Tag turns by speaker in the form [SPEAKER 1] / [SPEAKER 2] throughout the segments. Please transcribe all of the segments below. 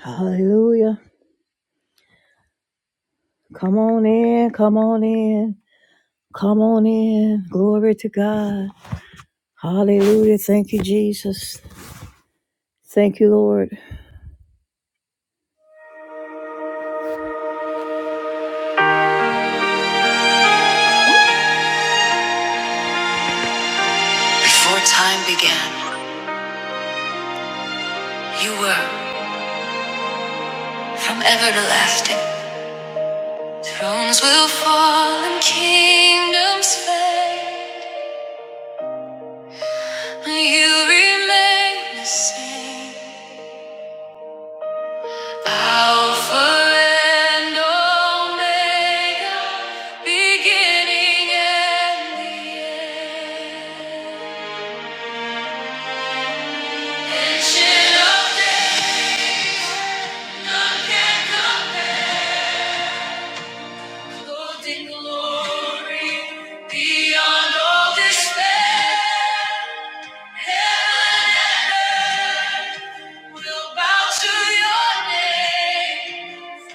[SPEAKER 1] Hallelujah. Come on in. Come on in. Come on in. Glory to God. Hallelujah. Thank you, Jesus. Thank you, Lord. Before time began, you were from everlasting. Thrones will fall and kingdoms fade. You remain the same. Alpha and Omega, beginning and the end. Ancient of days, none can glory, beyond all despair. Heaven and earth will bow to your name.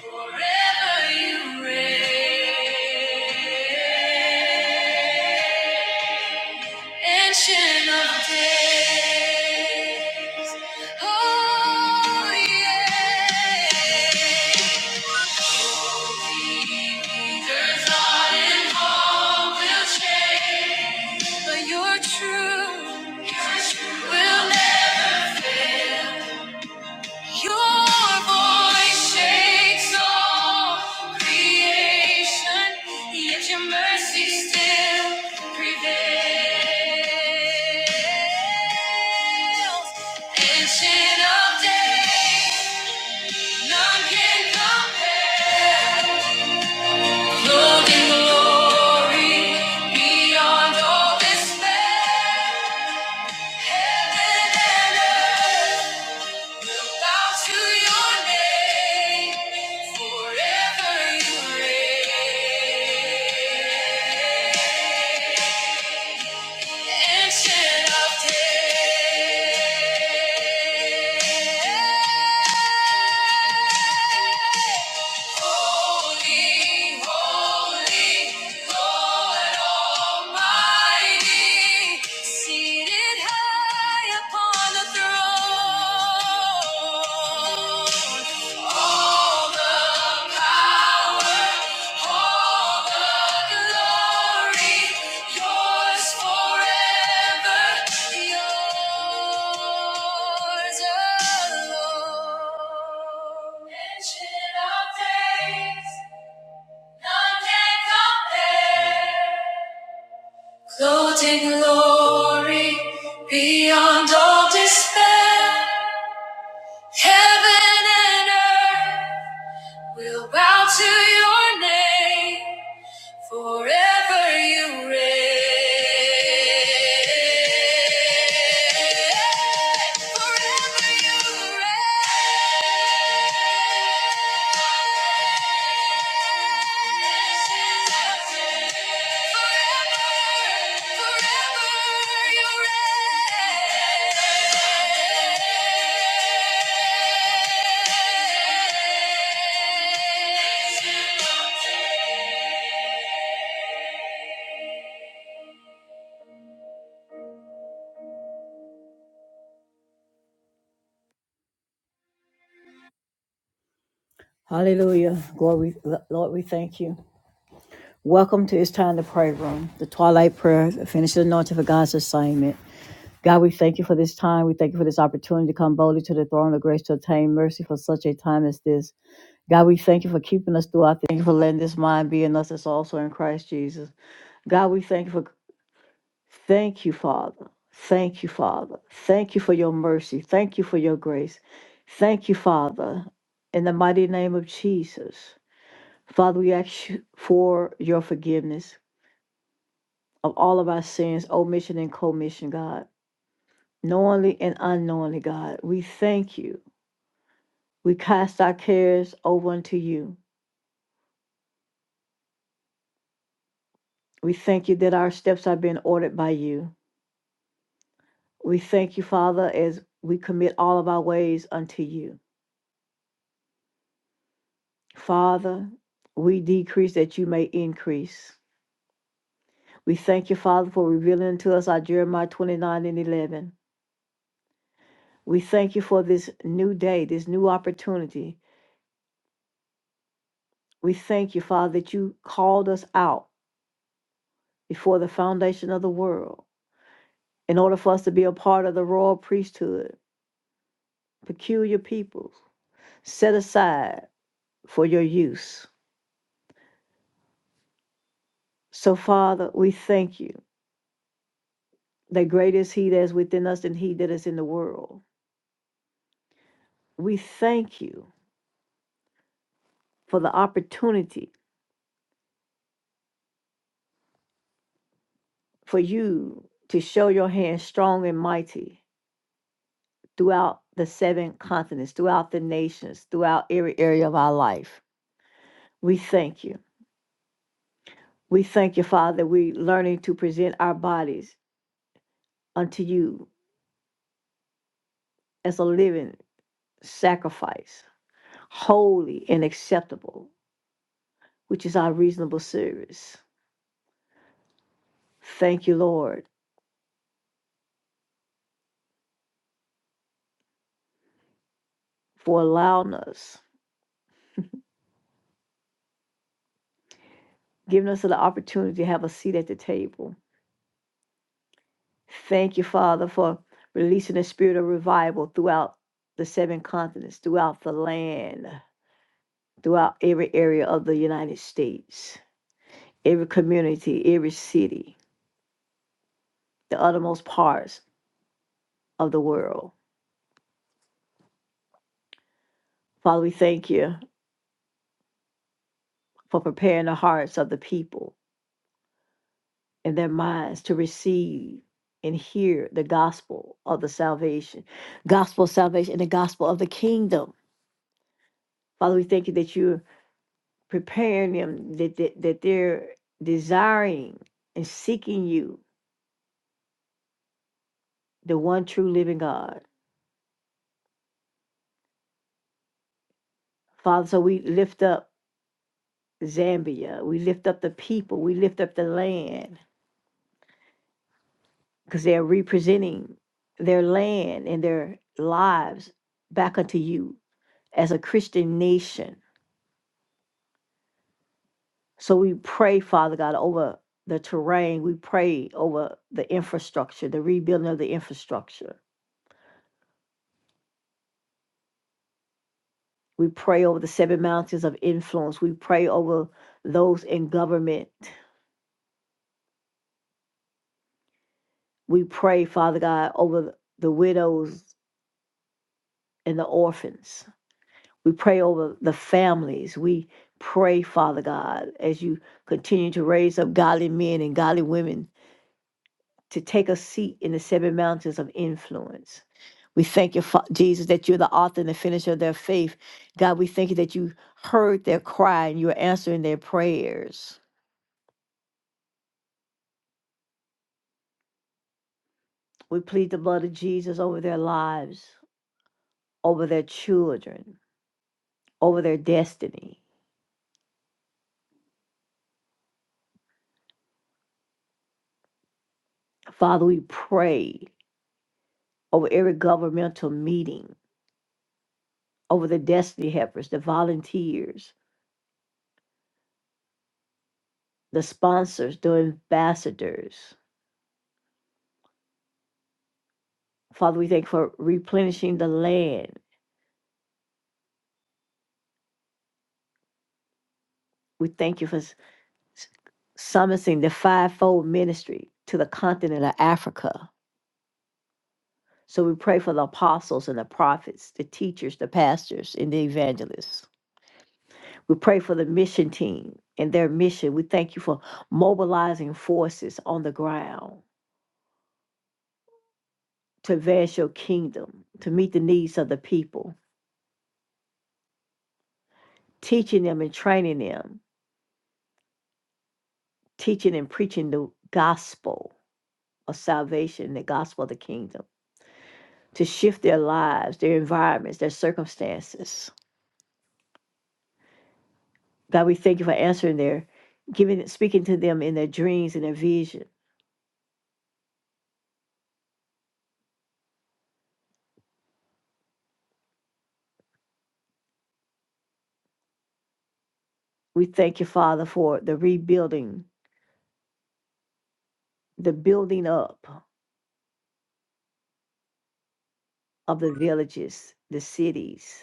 [SPEAKER 1] Forever you reign, ancient of days. Oh, yeah. There's thought and hope will change, but your truth will never fail. Your voice shakes all creation, yet your mercy still prevails. Ancient of days, none can compare. Clothed in glory, beyond all despair, heaven and earth. Bow to your name, forever you reign. Ancient of days. Holy, holy, Lord Almighty, seated high upon the throne. All the power. All the glory, yours forever, yours alone. Ancient of days, none can compare. Clothed glory beyond all despair. Heaven and earth will bow to your name. Forever you reign. Forever you reign. Hallelujah. Glory, Lord, we thank you. Welcome to It's Time to Pray Room, the Twilight Prayer, the finished anointing for God's assignment. God, we thank you for this time. We thank you for this opportunity to come boldly to the throne of grace to obtain mercy for such a time as this. God, we thank you for keeping us throughout. Thank you for letting this mind be in us. It's also in Christ Jesus. God, we thank you for thank you, Father. Thank you, Father. Thank you for your mercy. Thank you for your grace. Thank you, Father. In the mighty name of Jesus. Father, we ask you for your forgiveness of all of our sins, omission and commission, God. Knowingly and unknowingly, God. We thank you. We cast our cares over unto you. We thank you that our steps are being ordered by you. We thank you, Father, as we commit all of our ways unto you. Father, we decrease that you may increase. We thank you, Father, for revealing to us our Jeremiah 29 and 11. We thank you for this new day, this new opportunity. We thank you, Father, that you called us out before the foundation of the world in order for us to be a part of the royal priesthood, peculiar peoples, set aside for your use. So, Father, we thank you. that great is he that is within us than he that is in the world. We thank you for the opportunity for you to show your hand strong and mighty throughout the seven continents, throughout the nations, throughout every area of our life. We thank you. We thank you, Father, that we're learning to present our bodies unto you as a living sacrifice, holy and acceptable, which is our reasonable service. Thank you, Lord, for allowing us giving us the opportunity to have a seat at the table. Thank you, Father, for releasing the spirit of revival throughout the seven continents, throughout the land, throughout every area of the United States, every community, every city, the uttermost parts of the world. Father, we thank you for preparing the hearts of the people and their minds to receive and hear the gospel of the salvation, gospel of salvation, and the gospel of the kingdom. Father, we thank you that you preparing them that, that, that they're desiring and seeking you, the one true living God. Father, so we lift up Zambia, we lift up the people, we lift up the land, because they're representing their land and their lives back unto you as a Christian nation. So we pray, Father God, over the terrain, we pray over the infrastructure, the rebuilding of the infrastructure. We pray over the seven mountains of influence. We pray over those in government. We pray, Father God, over the widows and the orphans. We pray over the families. We pray, Father God, as you continue to raise up godly men and godly women to take a seat in the seven mountains of influence. We thank you, Jesus, that you're the author and the finisher of their faith. God, we thank you that you heard their cry and you're answering their prayers. We plead the blood of Jesus over their lives, over their children, over their destiny. Father, we pray over every governmental meeting, over the destiny helpers, the volunteers, the sponsors, the ambassadors. Father, we thank you for replenishing the land. We thank you for summoning the fivefold ministry to the continent of Africa. So we pray for the apostles and the prophets, the teachers, the pastors, and the evangelists. We pray for the mission team and their mission. We thank you for mobilizing forces on the ground to advance your kingdom, to meet the needs of the people, teaching them and training them, teaching and preaching the gospel of salvation, the gospel of the kingdom, to shift their lives, their environments, their circumstances. God, we thank you for answering their, giving, speaking to them in their dreams and their vision. We thank you, Father, for the rebuilding, the building up of the villages, the cities.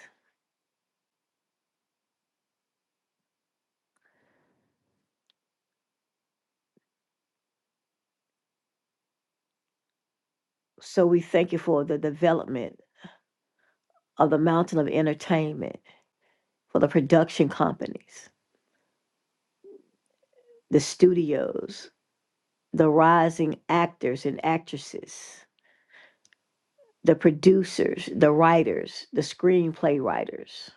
[SPEAKER 1] So we thank you for the development of the mountain of entertainment, for the production companies, the studios, the rising actors and actresses, the producers, the writers, the screenplay writers.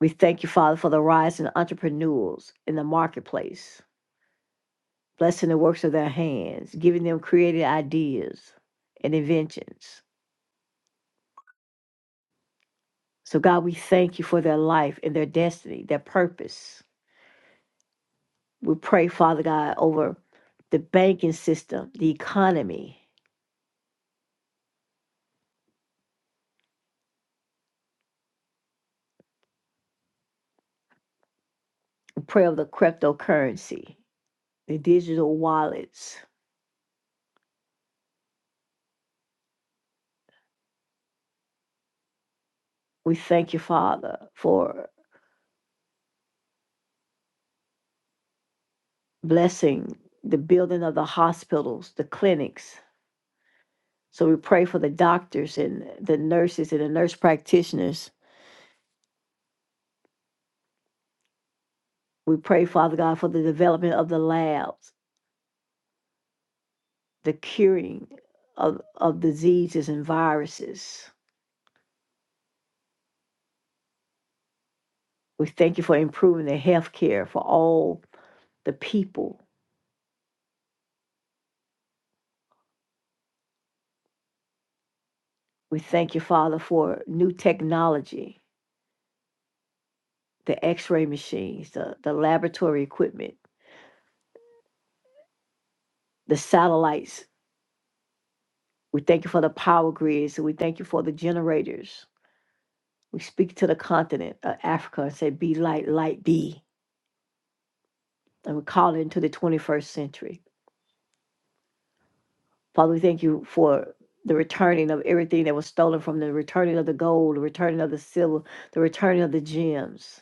[SPEAKER 1] We thank you, Father, for the rising entrepreneurs in the marketplace, blessing the works of their hands, giving them creative ideas and inventions. So, God, we thank you for their life and their destiny, their purpose. We pray, Father God, over the banking system, the economy. We pray over the cryptocurrency, the digital wallets. We thank you, Father, for blessing the building of the hospitals, the clinics. So we pray for the doctors and the nurses and the nurse practitioners. We pray, Father God, for the development of the labs, the curing of, of diseases and viruses. We thank you for improving the health care for all the people We thank you, Father, for new technology, the x ray machines, the, the laboratory equipment, the satellites. We thank you for the power grids, and we thank you for the generators. We speak to the continent of Africa and say, Be light, light be. And we call it into the 21st century. Father, we thank you for the returning of everything that was stolen from the returning of the gold, the returning of the silver, the returning of the gems,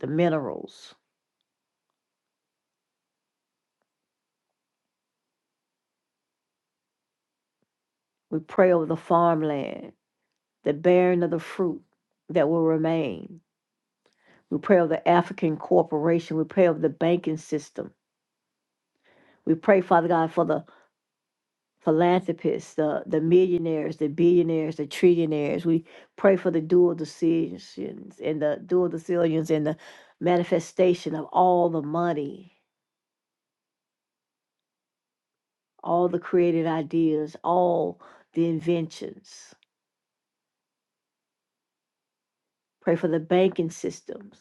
[SPEAKER 1] the minerals. We pray over the farmland the bearing of the fruit that will remain. We pray of the African corporation. We pray of the banking system. We pray, Father God, for the philanthropists, the, the millionaires, the billionaires, the trillionaires. We pray for the dual decisions and the dual decisions and the manifestation of all the money, all the created ideas, all the inventions. Pray for the banking systems.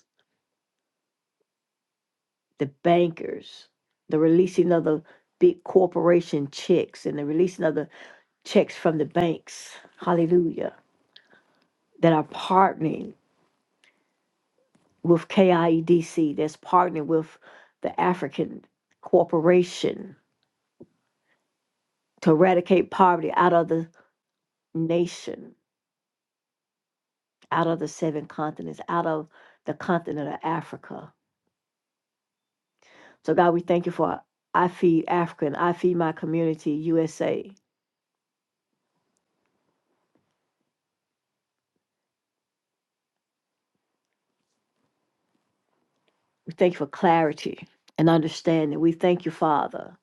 [SPEAKER 1] the bankers, the releasing of the big corporation checks and the releasing of the checks from the banks, hallelujah, that are partnering with KIEDC, that's partnering with the African Corporation to eradicate poverty out of the nation, out of the seven continents, out of the continent of Africa. So, God, we thank you for I Feed Africa and I Feed My Community USA We thank you for clarity and understanding. We thank you, Father,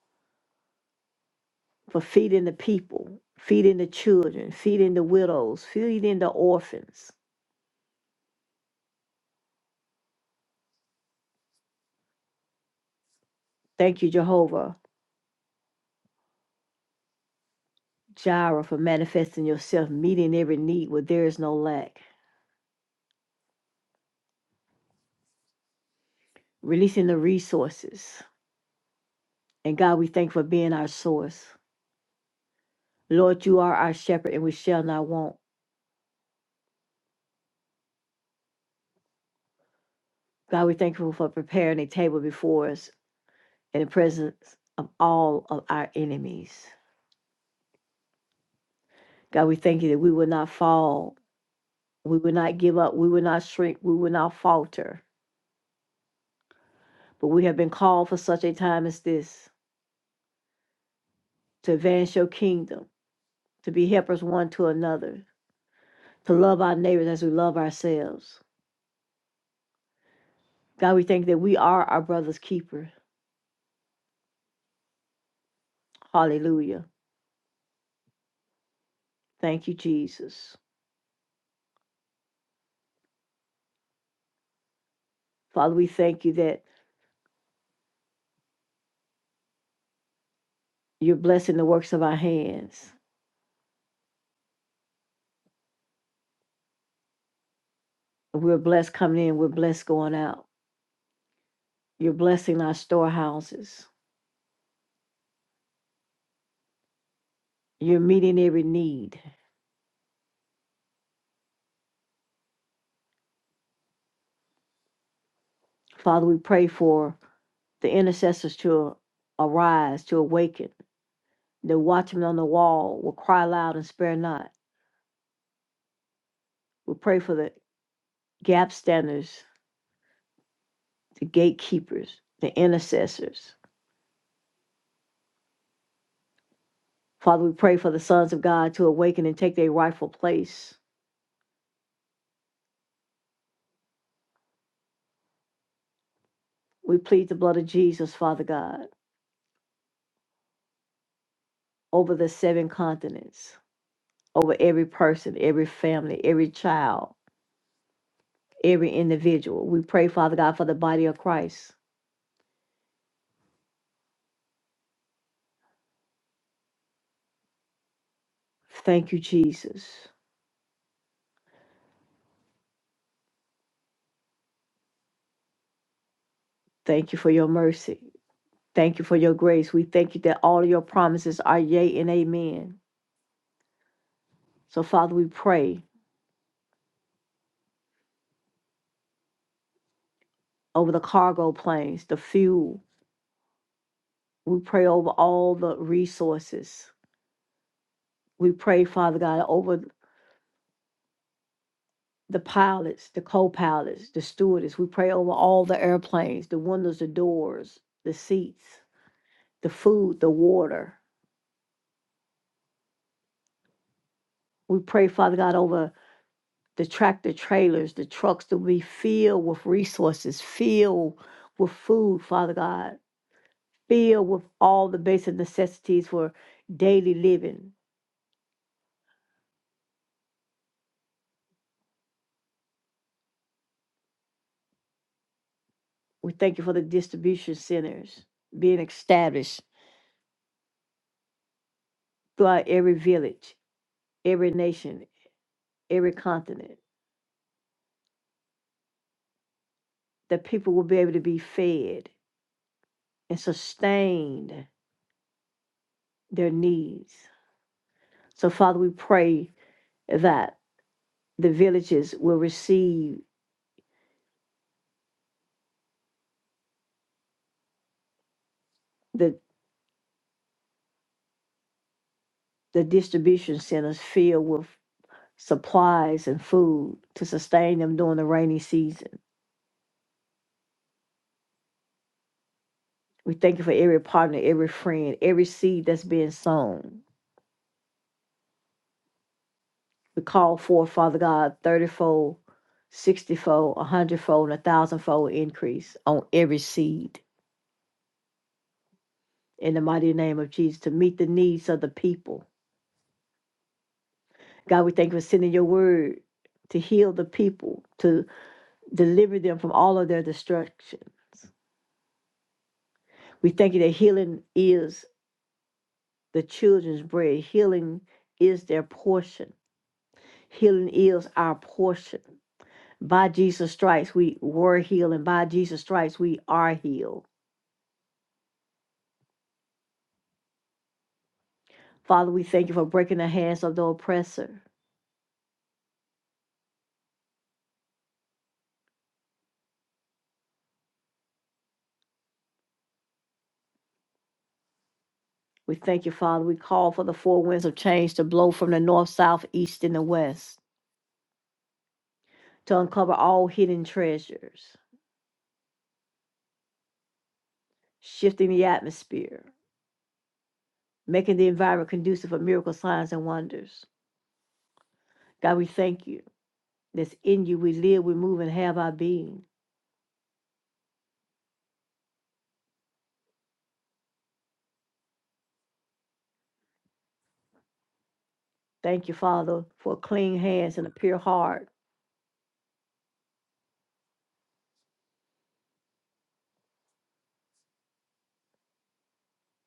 [SPEAKER 1] for feeding the people, feeding the children, feeding the widows, feeding the orphans. Thank you, Jehovah Jireh, for manifesting yourself, meeting every need where there is no lack, releasing the resources. And God, we thank you for being our source. Lord, you are our shepherd and we shall not want. God, we thank you for preparing a table before us in the presence of all of our enemies. God, we thank you that we will not fall We would not give up. We would not shrink. We would not falter. But we have been called for such a time as this to advance your kingdom, to be helpers one to another, to love our neighbors as we love ourselves. God, we thank that we are our brother's keeper. Hallelujah. Thank you, Jesus. Father, we thank you that you're blessing the works of our hands. We're blessed coming in, we're blessed going out. You're blessing our storehouses. You're meeting every need. Father, we pray for the intercessors to arise, to awaken. The watchmen on the wall will cry loud and spare not. We pray for the gap standers, the gatekeepers, the intercessors. Father, we pray for the sons of God to awaken and take their rightful place. We plead the blood of Jesus, Father God, over the seven continents, over every person, every family, every child, every individual. We pray, Father God, for the body of Christ. Thank you, Jesus. Thank you for your mercy. Thank you for your grace. We thank you that all of your promises are yea and amen. So, Father, we pray over the cargo planes, the fuel. We pray over all the resources. We pray, Father God, over the pilots, the co pilots, the stewardess. We pray over all the airplanes, the windows, the doors, the seats, the food, the water. We pray, Father God, over the tractor trailers, the trucks to be filled with resources, filled with food, Father God filled with all the basic necessities for daily living. We thank you for the distribution centers being established throughout every village, every nation, every continent, that people will be able to be fed and sustain their needs. So, Father, we pray that the villages will receive the, the distribution centers filled with supplies and food to sustain them during the rainy season We thank you for every partner, every friend, every seed that's being sown. We call for, Father God, 30 fold, 60 fold, 100 fold, and a thousandfold increase on every seed in the mighty name of Jesus to meet the needs of the people. God, we thank you for sending your word to heal the people, to deliver them from all of their destructions. We thank you that healing is the children's bread, healing is their portion, healing is our portion. By Jesus' stripes, we were healed, and by Jesus' stripes, we are healed. Father, we thank you for breaking the hands of the oppressor. We thank you, Father. We call for the four winds of change to blow from the north, south, east, and the west to uncover all hidden treasures, shifting the atmosphere, making the environment conducive for miracle signs and wonders. God, we thank you. That's in you we live, we move, and have our being. Thank you, Father, for clean hands and a pure heart.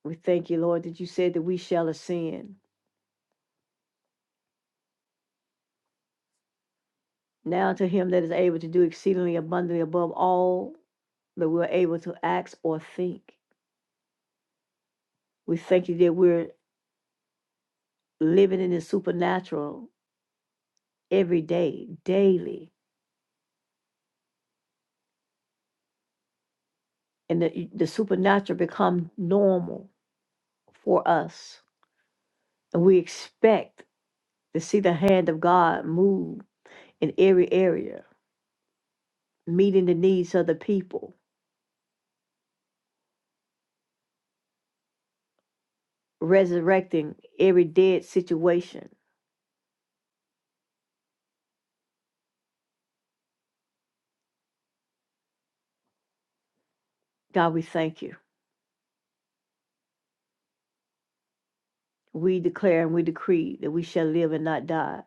[SPEAKER 1] We thank you, Lord, that you said that we shall ascend. Now to him that is able to do exceedingly abundantly above all that we're able to ask or think. We thank you that we're living in the supernatural every day, daily, and the, the supernatural become normal for us. And we expect to see the hand of God move in every area, meeting the needs of the people, resurrecting every dead situation. God, we thank you. We declare and we decree that we shall live and not die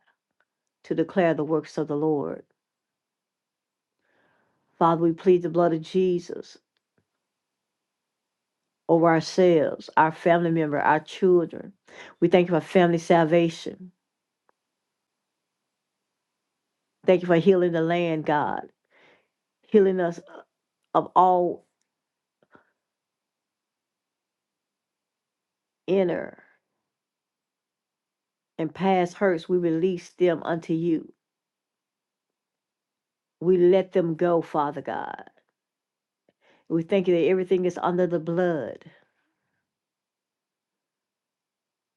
[SPEAKER 1] to declare the works of the Lord. Father, we plead the blood of Jesus over ourselves, our family member, our children. We thank you for family salvation. Thank you for healing the land, God, healing us of all inner and past hurts. We release them unto you. We let them go, Father God. We thank you that everything is under the blood.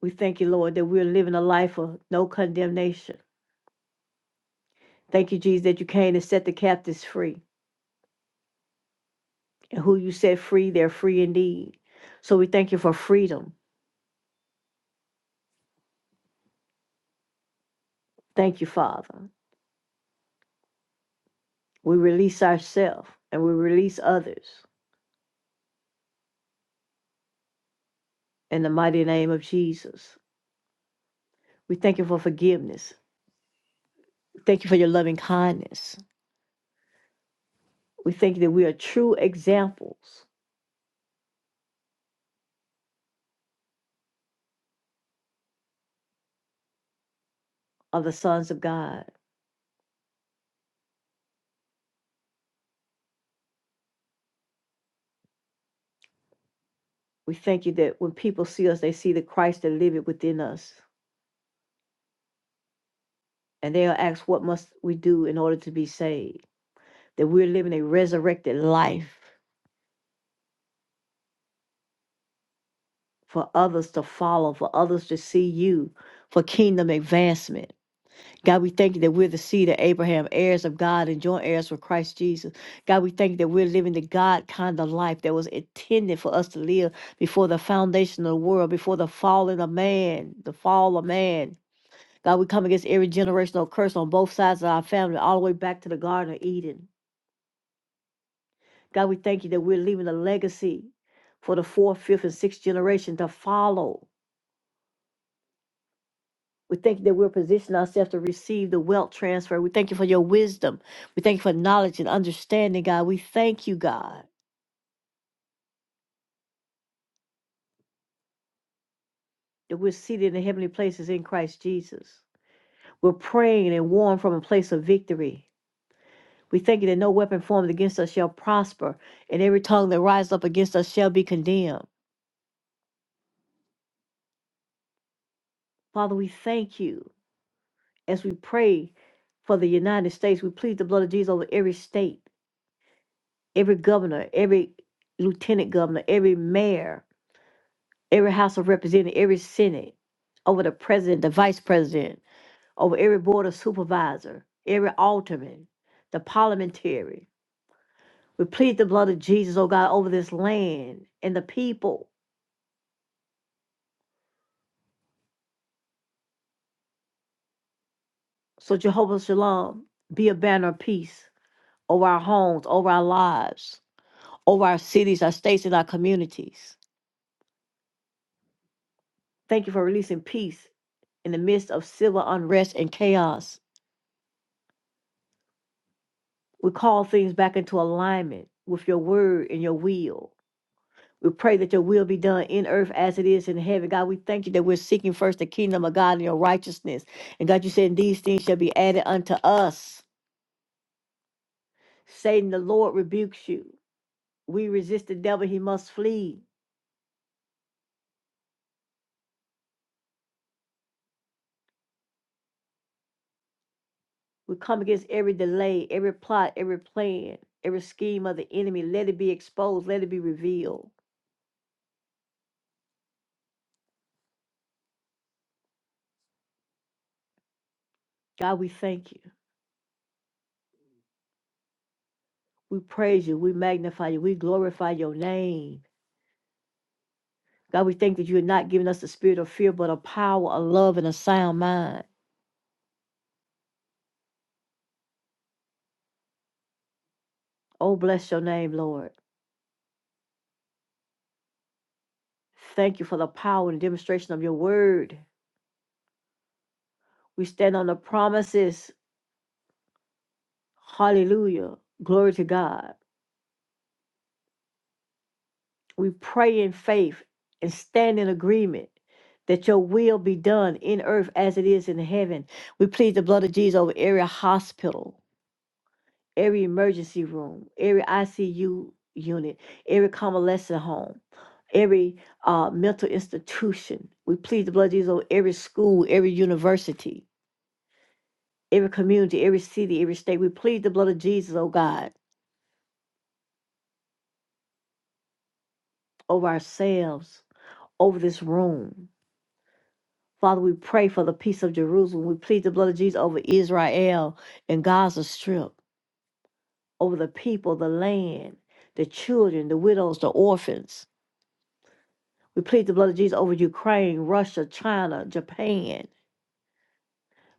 [SPEAKER 1] We thank you, Lord, that we're living a life of no condemnation. Thank you, Jesus, that you came to set the captives free. And who you set free, they're free indeed. So we thank you for freedom. Thank you, Father. We release ourselves and we release others in the mighty name of Jesus. We thank you for forgiveness. We Thank you for your loving kindness. We thank you that we are true examples of the sons of God. We thank you that when people see us, they see the Christ that liveth within us. And they'll ask, What must we do in order to be saved? That we're living a resurrected life for others to follow, for others to see you, for kingdom advancement. God, we thank you that we're the seed of Abraham, heirs of God, and joint heirs with Christ Jesus. God, we thank you that we're living the God kind of life that was intended for us to live before the foundation of the world, before the falling of man, the fall of man. God, we come against every generational curse on both sides of our family, all the way back to the Garden of Eden. God, we thank you that we're leaving a legacy for the fourth, fifth, and sixth generation to follow. We thank you that we're positioning ourselves to receive the wealth transfer. We thank you for your wisdom. We thank you for knowledge and understanding, God. We thank you, God, that we're seated in heavenly places in Christ Jesus. We're praying and warm from a place of victory. We thank you that no weapon formed against us shall prosper, and every tongue that rises up against us shall be condemned. Father, we thank you as we pray for the United States. We plead the blood of Jesus over every state, every governor, every lieutenant governor, every mayor every House of Representatives, every Senate, over the president, the vice president, over every board of supervisor, every alderman, the parliamentary. We plead the blood of Jesus, oh God, over this land and the people. So Jehovah Shalom, be a banner of peace over our homes, over our lives, over our cities, our states, and our communities. Thank you for releasing peace in the midst of civil unrest and chaos. We call things back into alignment with your word and your will. We pray that your will be done in earth as it is in heaven. God, we thank you that we're seeking first the kingdom of God and your righteousness. And God, you said, these things shall be added unto us. Satan, the Lord rebukes you. We resist the devil, he must flee. We come against every delay, every plot, every plan, every scheme of the enemy. Let it be exposed, let it be revealed. God, we thank you. We praise you. We magnify you. We glorify your name. God, we thank that you are not giving us the spirit of fear, but of power, of love, and a sound mind. Oh, bless your name, Lord. Thank you for the power and demonstration of your word. We stand on the promises. Hallelujah. Glory to God. We pray in faith and stand in agreement that your will be done in earth as it is in heaven. We plead the blood of Jesus over every hospital, every emergency room, every ICU unit, every convalescent home, every uh, mental institution. We plead the blood of Jesus over every school, every university every community, every city, every state. We plead the blood of Jesus, oh God, over ourselves, over this room. Father, we pray for the peace of Jerusalem. We plead the blood of Jesus over Israel and Gaza Strip, over the people, the land, the children, the widows, the orphans. We plead the blood of Jesus over Ukraine, Russia, China, Japan,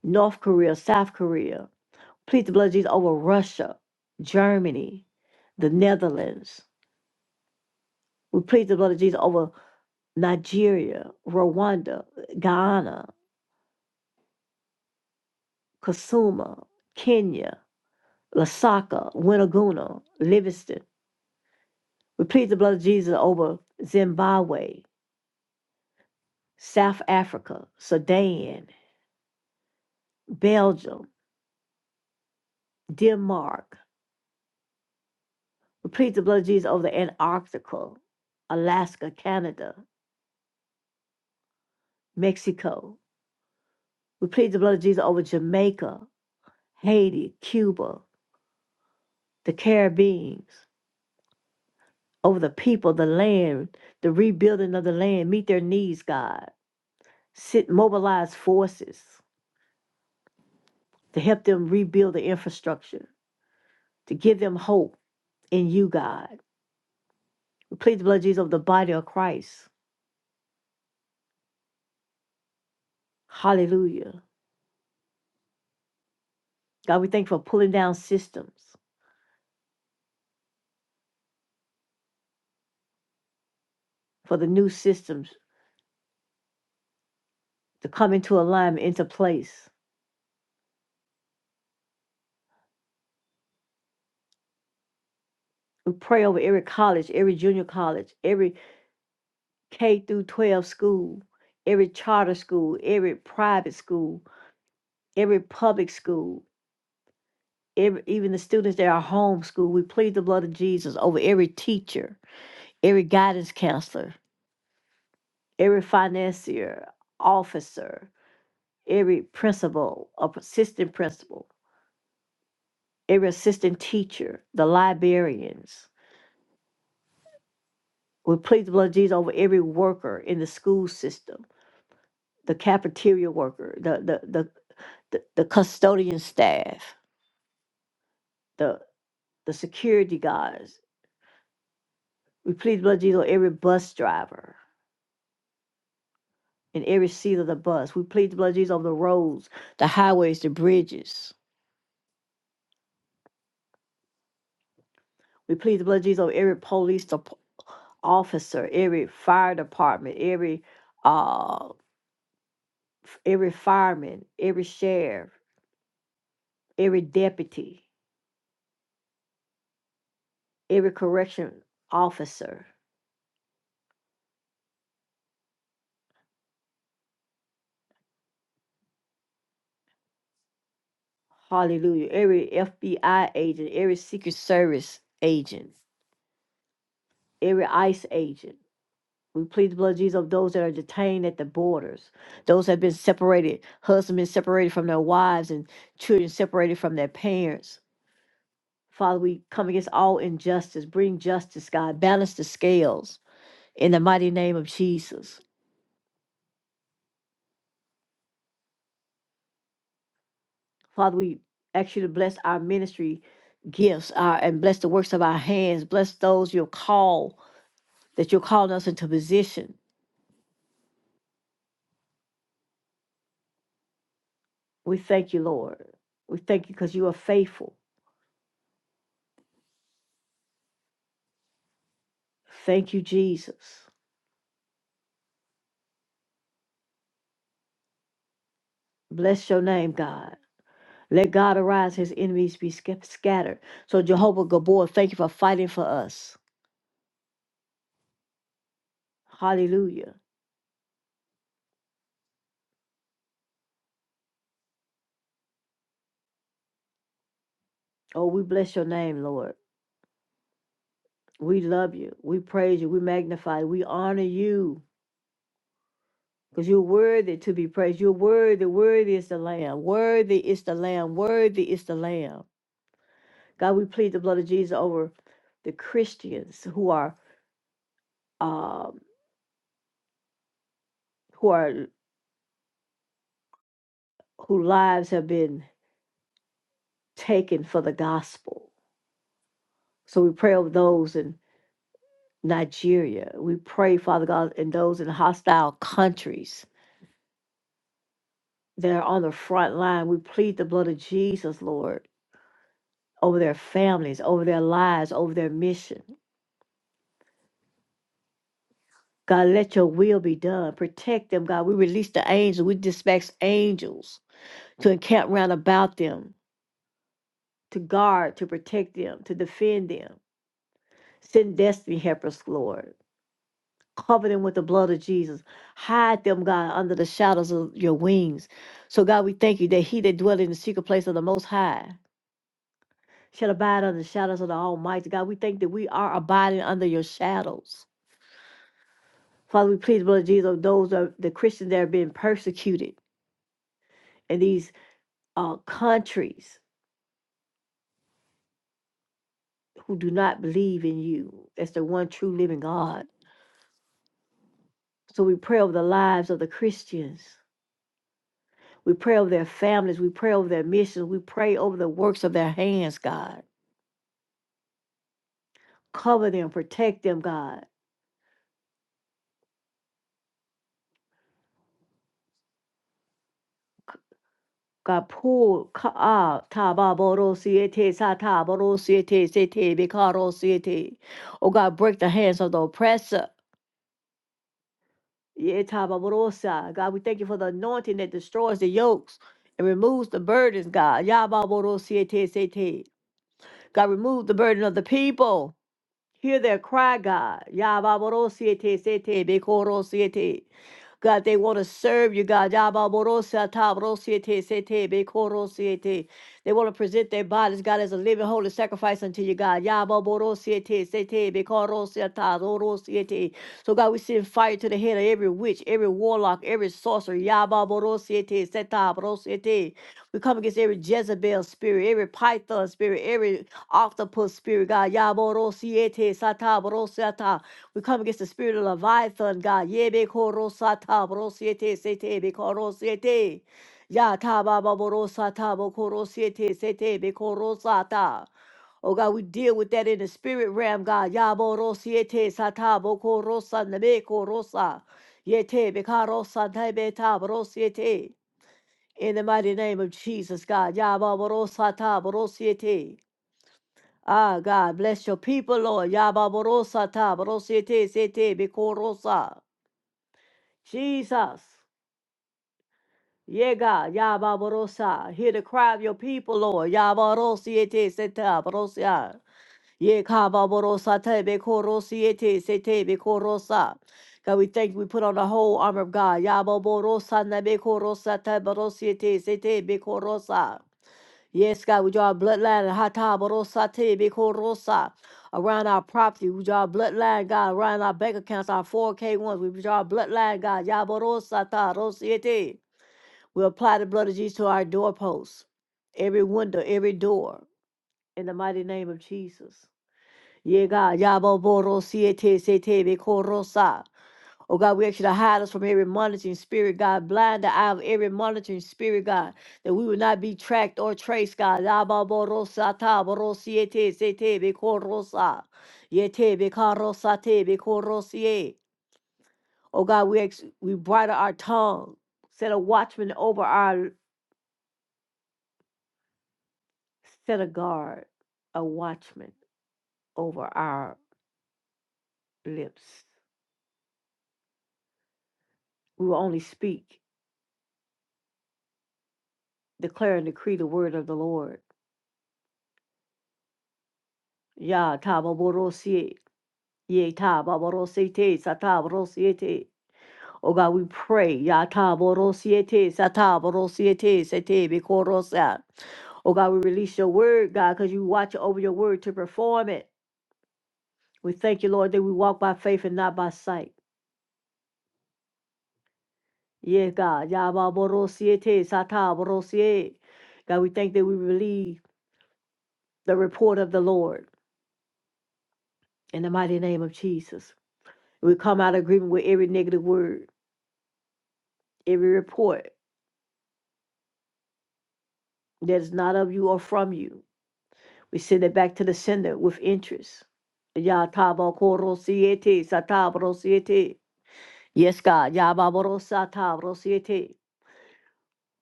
[SPEAKER 1] North Korea, South Korea. Plead the blood of Jesus over Russia, Germany, the Netherlands. We plead the blood of Jesus over Nigeria, Rwanda, Guyana, Kasuma, Kenya, Lasaka, Winaguna, Livingston. We plead the blood of Jesus over Zimbabwe, South Africa, Sudan, Belgium, Denmark. We plead the blood of Jesus over the Antarctica, Alaska, Canada, Mexico. We plead the blood of Jesus over Jamaica, Haiti, Cuba, the Caribbeans. over the people, the land, the rebuilding of the land, meet their needs, God. Sit, mobilize forces to help them rebuild the infrastructure, to give them hope in you, God. We plead the blood of Jesus over the body of Christ. Hallelujah. God, we thank you for pulling down systems, for the new systems to come into alignment, into place. We pray over every college, every junior college, every K through 12 school, every charter school, every private school, every public school. every, even the students that are homeschooled, we plead the blood of Jesus over every teacher, every guidance counselor, every financier, officer, every principal, or assistant principal, every assistant teacher, the librarians. We plead the blood of Jesus over every worker in the school system, the cafeteria worker, the the the, the, the custodian staff, the the security guards. We plead the blood of Jesus over every bus driver in every seat of the bus. We plead the blood of Jesus over the roads, the highways, the bridges. We plead the blood of Jesus over every police dep- officer, every fire department, every uh, f- every fireman, every sheriff, every deputy, every correction officer. Hallelujah. Every FBI agent, every Secret Service agent, every ICE agent. We plead the blood of Jesus of those that are detained at the borders, those that have been separated, husbands separated from their wives, and children separated from their parents. Father, we come against all injustice. Bring justice, God. Balance the scales in the mighty name of Jesus. Father, we ask you to bless our ministry gifts our, and bless the works of our hands. Bless those you'll call, that you're calling us into position. We thank you, Lord. We thank you because you are faithful. Thank you, Jesus. Bless your name, God. Let God arise, his enemies be sca- scattered. So, Jehovah Gabor, thank you for fighting for us. Hallelujah. Oh, we bless your name, Lord. We love you. We praise you. We magnify you. We honor you because you're worthy to be praised. You're worthy. Worthy is the Lamb. Worthy is the Lamb. Worthy is the Lamb. God, we plead the blood of Jesus over the Christians who are, um, who are, whose lives have been taken for the gospel So we pray over those in Nigeria. We pray, Father God, in those in hostile countries that are on the front line. We plead the blood of Jesus, Lord, over their families, over their lives, over their mission. God, let your will be done. Protect them, God. We release the angels. We dispatch angels to encamp round about them, to guard, to protect them, to defend them. Send destiny helpers, Lord. Cover them with the blood of Jesus. Hide them, God, under the shadows of your wings. So, God, we thank you that he that dwell in the secret place of the Most High shall abide under the shadows of the Almighty. God, we thank that we are abiding under your shadows. Father, we plead the blood of Jesus, of those of the Christians that are being persecuted in these uh, countries who do not believe in you as the one true living God. So we pray over the lives of the Christians. We pray over their families. We pray over their missions. We pray over the works of their hands, God. Cover them, protect them, God. God, pull ka- ah, tababoro siete, sataboro siete, sete, bikaro siete. Oh God, break the hands of the oppressor. Yeah, tababoro sa. God, we thank you for the anointing that destroys the yokes and removes the burdens, God. Yababoro siete, sete. God, remove the burden of the people. Hear their cry, God. Yababarosiete sete bekorosiete. God, they want to serve you, God. Yababarosa tabarosiete sete bekorosiete. They want to present their bodies, God, as a living holy sacrifice unto you, God. Yababarosiete sete bekorosiata zorosiete. So, God, we send fire to the head of every witch, every warlock, every sorcerer. Yababarosiete setabarosiete. We come against every Jezebel spirit, every Python spirit, every octopus spirit, God. Yaborosiete sata borosiata. We come against the spirit of Leviathan, God. Yebe korosata borosiete sete bekorosiete. Yata baba borosata bokorosiete sete bekorosata. Oh God, we deal with that in the spirit realm, God. Yaborosiete sata bokorosa nebekorosa. Yete bekarosa nebeta borosiete. In the mighty name of Jesus, God. Yababarosata borosiete. Ah, God, bless your people, Lord. Yababorosa ta, borosete, sete, bikorosa. Jesus. Yeah, God. Yababorosa. Hear the cry of your people, Lord. Yabarosiete, seta, borosia. Yeah, kababorosa, te, bikorosiete, sete, bikorosa. God, we thank you. We put on the whole armor of God. Yababorosa, nebekorosa, te, borosiete, sete, bikorosa. Yes, God, we draw a bloodline and hata borosa te beko rosa around our property. We draw a bloodline, God, around our bank accounts, our 4K ones. We draw a bloodline, God. Yaborosa ta rosiete. We apply the blood of Jesus to our doorposts, every window, every door, in the mighty name of Jesus. Yeah, God. Yaborosa sete se te Oh God, we ask you to hide us from every monitoring spirit, God. Blind the eye of every monitoring spirit, God, that we will not be tracked or traced, God. La ba bo ro sa ta bo ro si e te se te be ko ro sa. Ye te be ka ro sa te be ko ro si e. Oh God, we ex- we bridle our tongue, set a watchman over our set a guard, a watchman over our lips. We will only speak, declare and decree the word of the Lord. Ya ta bo bo ro si e. Ye ta ba ba Oh God, we pray. Ya ta ba ro se te Oh God, we release your word, God, because you watch over your word to perform it. We thank you, Lord, that we walk by faith and not by sight. Yeah, God. Ya ba ba God, we thank that we believe the report of the Lord in the mighty name of Jesus. We come out of agreement with every negative word, every report that is not of you or from you. We send it back to the sender with interest. Yatabokorosiete, satabrosiete. Yes, God. Yababorosatabrosiete.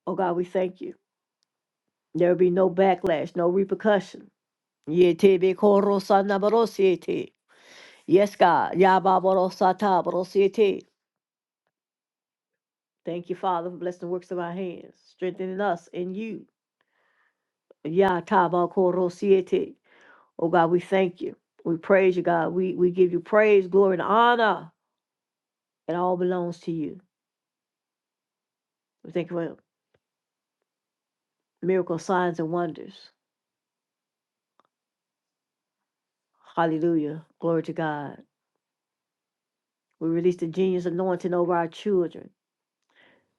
[SPEAKER 1] Oh, God, we thank you. There will be no backlash, no repercussion. Yetebekorosanabrosiete. Yes, God. Yababorosatabrosiete. Thank you, Father, for blessing the works of our hands, strengthening us in you. Yatabakorosiete. Oh, God, we thank you. We praise you, God. We, we give you praise, glory, and honor. It all belongs to you. We thank you for miracles, signs, and wonders. Hallelujah. Glory to God. We release the genius anointing over our children.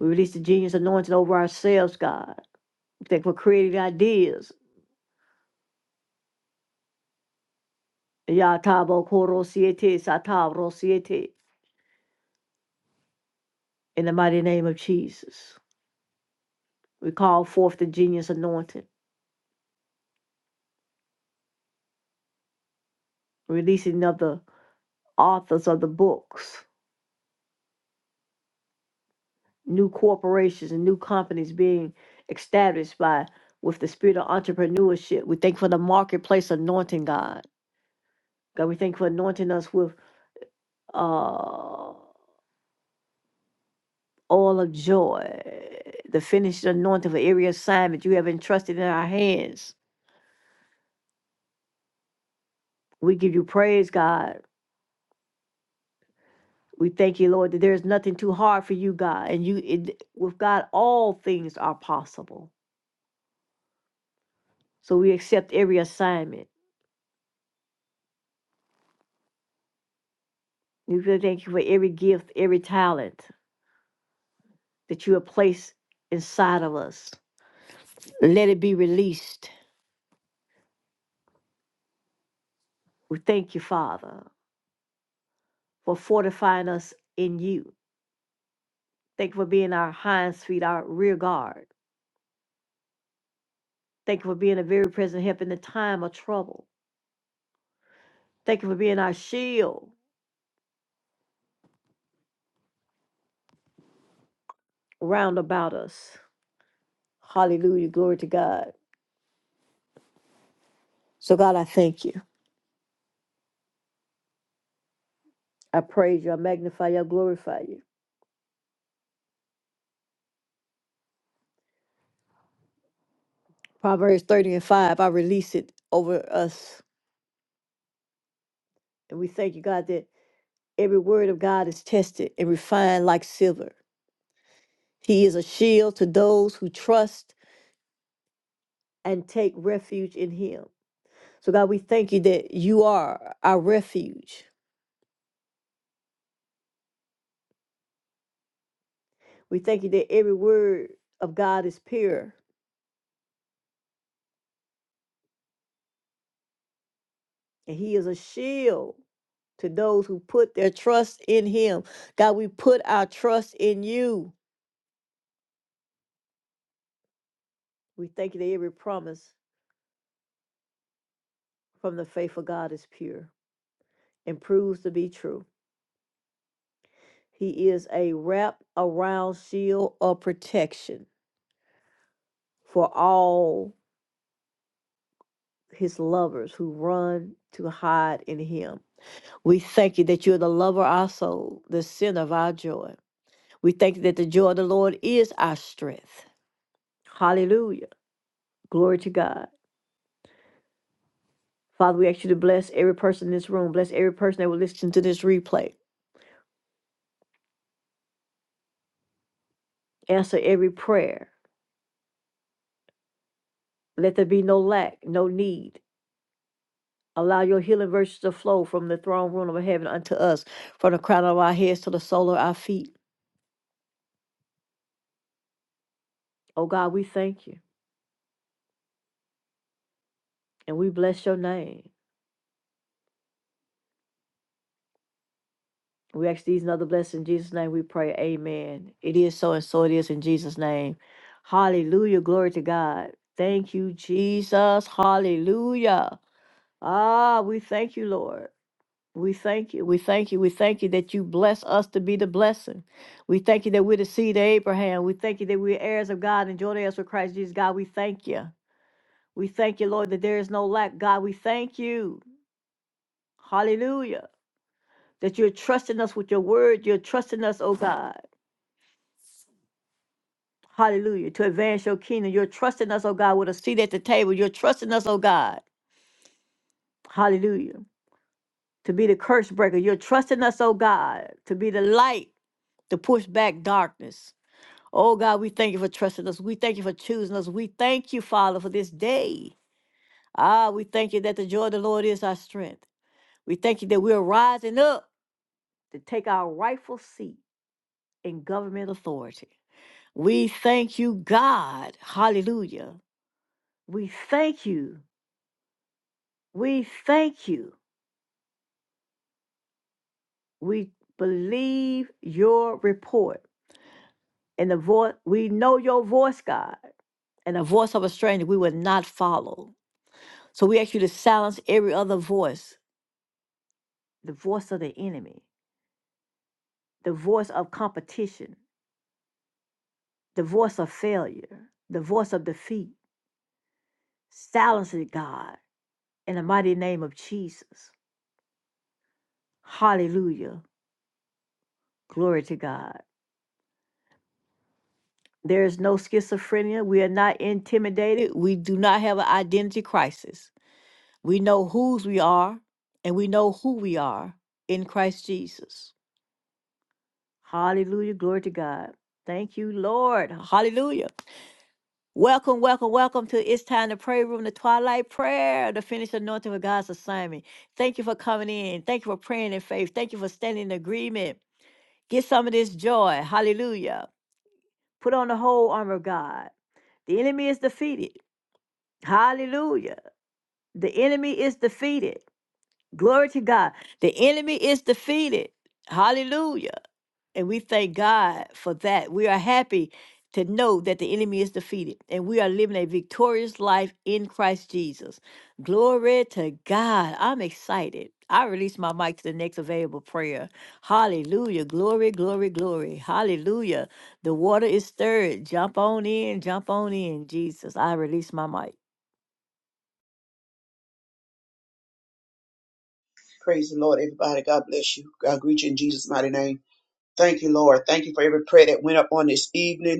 [SPEAKER 1] We release the genius anointing over ourselves, God. We thank you for creative ideas. Yatabo koro siete, satabo siete. In the mighty name of Jesus, we call forth the genius anointing, releasing of the authors of the books. new corporations and new companies being established by with the spirit of entrepreneurship. We thank for the marketplace anointing, God. God, we thank you for anointing us with uh all of joy, the finished anointing for every assignment you have entrusted in our hands. We give you praise, God. We thank you, Lord, that there is nothing too hard for you, God. And you it, with God, all things are possible. So we accept every assignment. We really thank you for every gift, every talent. that you have placed inside of us. Let it be released. We thank you, Father, for fortifying us in you. Thank you for being our hinds feet, our rear guard. Thank you for being a very present help in the time of trouble. Thank you for being our shield round about us. Hallelujah. Glory to God. So, God, I thank you. I praise you. I magnify you. I glorify you. Proverbs 30 and 5, I release it over us. And we thank you, God, that every word of God is tested and refined like silver. He is a shield to those who trust and take refuge in him. So, God, we thank you that you are our refuge. We thank you that every word of God is pure, and he is a shield to those who put their trust in him. God, we put our trust in you. We thank you that every promise from the faithful God is pure and proves to be true. He is a wrap around shield of protection for all his lovers who run to hide in him. We thank you that you're the lover of our soul, the center of our joy. We thank you that the joy of the Lord is our strength. Hallelujah. Glory to God. Father, we ask you to bless every person in this room, bless every person that will listen to this replay. Answer every prayer. Let there be no lack, no need. Allow your healing virtues to flow from the throne room of heaven unto us, from the crown of our heads to the sole of our feet. Oh God, we thank you and we bless your name. We ask these and other blessings in Jesus' name. We pray, Amen. It is so, and so it is in Jesus' name. Hallelujah. Glory to God. Thank you, Jesus. Hallelujah. Ah, we thank you, Lord. We thank you. We thank you. We thank you that you bless us to be the blessing. We thank you that we're the seed of Abraham. We thank you that we're heirs of God and joint heirs with Christ Jesus. God, we thank you. We thank you, Lord, that there is no lack. God, we thank you. Hallelujah. That you're trusting us with your word. You're trusting us, oh God. Hallelujah. To advance your kingdom. You're trusting us, oh God, with a seat at the table. You're trusting us, oh God. Hallelujah. To be the curse breaker. You're trusting us, oh God, to be the light to push back darkness. Oh God, we thank you for trusting us. We thank you for choosing us. We thank you, Father, for this day. Ah, we thank you that the joy of the Lord is our strength. We thank you that we are rising up to take our rightful seat in government authority. We thank you, God. Hallelujah. We thank you We thank you. We believe your report and the voice. We know your voice, God, and the voice of a stranger we will not follow. So we ask you to silence every other voice the voice of the enemy, the voice of competition, the voice of failure, the voice of defeat. Silence it, God, in the mighty name of Jesus. Hallelujah. Glory to God. There is no schizophrenia. We are not intimidated. We do not have an identity crisis. We know whose we are and we know who we are in Christ Jesus. Hallelujah. Glory to God. Thank you, Lord. Hallelujah. Welcome, welcome, welcome to It's Time to Pray Room, the Twilight Prayer, the finished anointing of God's assignment. Thank you for coming in. Thank you for praying in faith. Thank you for standing in agreement. Get some of this joy. Hallelujah. Put on the whole armor of God. The enemy is defeated. Hallelujah. The enemy is defeated. Glory to God. The enemy is defeated. Hallelujah. And we thank God for that. We are happy to know that the enemy is defeated and we are living a victorious life in Christ Jesus. Glory to God. I'm excited. I release my mic to the next available prayer. Hallelujah. Glory, glory, glory. Hallelujah. The water is stirred. Jump on in. Jump on in, Jesus. I release my mic.
[SPEAKER 2] Praise the Lord, everybody. God bless you. God greet you in Jesus' mighty name. Thank you, Lord. Thank you for every prayer that went up on this evening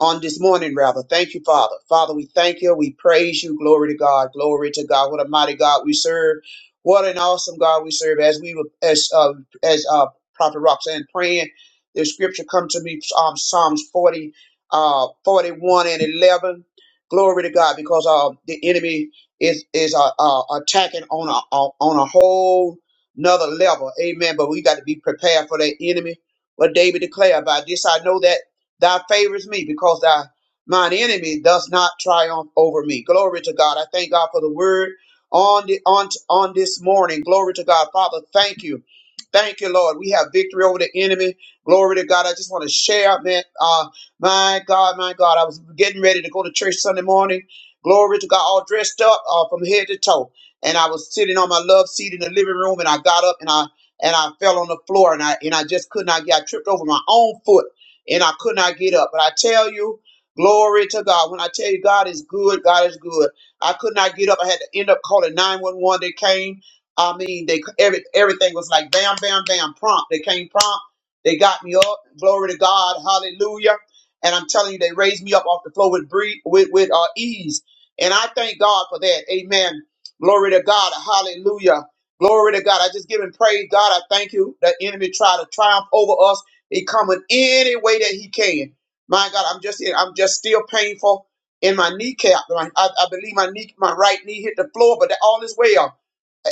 [SPEAKER 2] on this morning, rather. Thank you, Father. Father, we thank you. We praise you. Glory to God. Glory to God. What a mighty God we serve. What an awesome God we serve. As we were, as uh, as uh, Prophet Roxanne praying, the scripture come to me, um, Psalms 40, uh, 41 and 11. Glory to God, because uh, the enemy is is uh, uh, attacking on a on a whole another level. Amen. But we got to be prepared for that enemy. What David declared by this, I know that. Thou favors me because thy mine enemy does not triumph over me. Glory to God. I thank God for the word on the on on this morning. Glory to God. Father, thank you. Thank you, Lord. We have victory over the enemy. Glory to God. I just want to share, man. Uh, my God, my God. I was getting ready to go to church Sunday morning. Glory to God, all dressed up uh, from head to toe. And I was sitting on my love seat in the living room, and I got up and I and I fell on the floor, and I and I just could not get. I tripped over my own foot and I could not get up. But I tell you, glory to God. When I tell you God is good, God is good. I could not get up. I had to end up calling 911. They came. I mean, they every, everything was like bam, bam, bam, prompt. They came prompt. They got me up. Glory to God. Hallelujah. And I'm telling you, they raised me up off the floor with bree- with, with uh, ease. And I thank God for that. Amen. Glory to God. Hallelujah. Glory to God. I just give him praise. God, I thank you. The enemy tried to triumph over us he coming any way that he can. My God, I'm just I'm just still painful in my kneecap. My- I, I believe my knee, my right knee hit the floor, but that all is well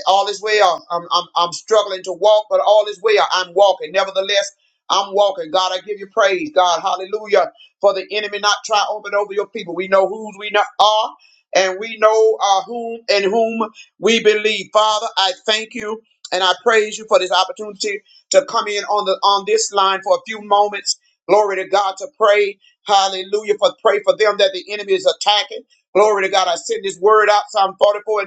[SPEAKER 2] all is well. I'm, I'm, I'm struggling to walk, but all is well. I'm walking. Nevertheless, I'm walking. God, I give you praise. God, hallelujah, for the enemy not triumphant over your people. We know whose we not are, and we know uh, whom and whom we believe. Father, I thank you and I praise you for this opportunity to come in on the on this line for a few moments. Glory to God to pray. Hallelujah. For pray for them that the enemy is attacking. Glory to God. I send this word out, Psalm 44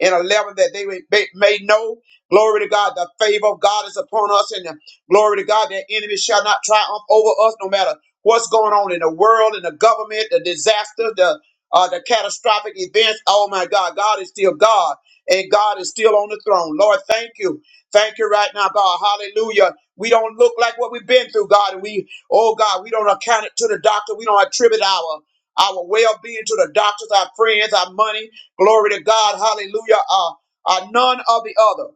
[SPEAKER 2] and 11 that they may may- may know, glory to God, the favor of God is upon us, and the glory to God, their enemies shall not triumph over us, no matter what's going on in the world, in the government, the disaster, the uh, the catastrophic events. Oh my God, God is still God, and God is still on the throne. Lord, thank you. Thank you right now, God. Hallelujah. We don't look like what we've been through, God. And we, oh God, we don't account it to the doctor. We don't attribute our our well-being to the doctors, our friends, our money. Glory to God. Hallelujah. Uh, uh, none of the other.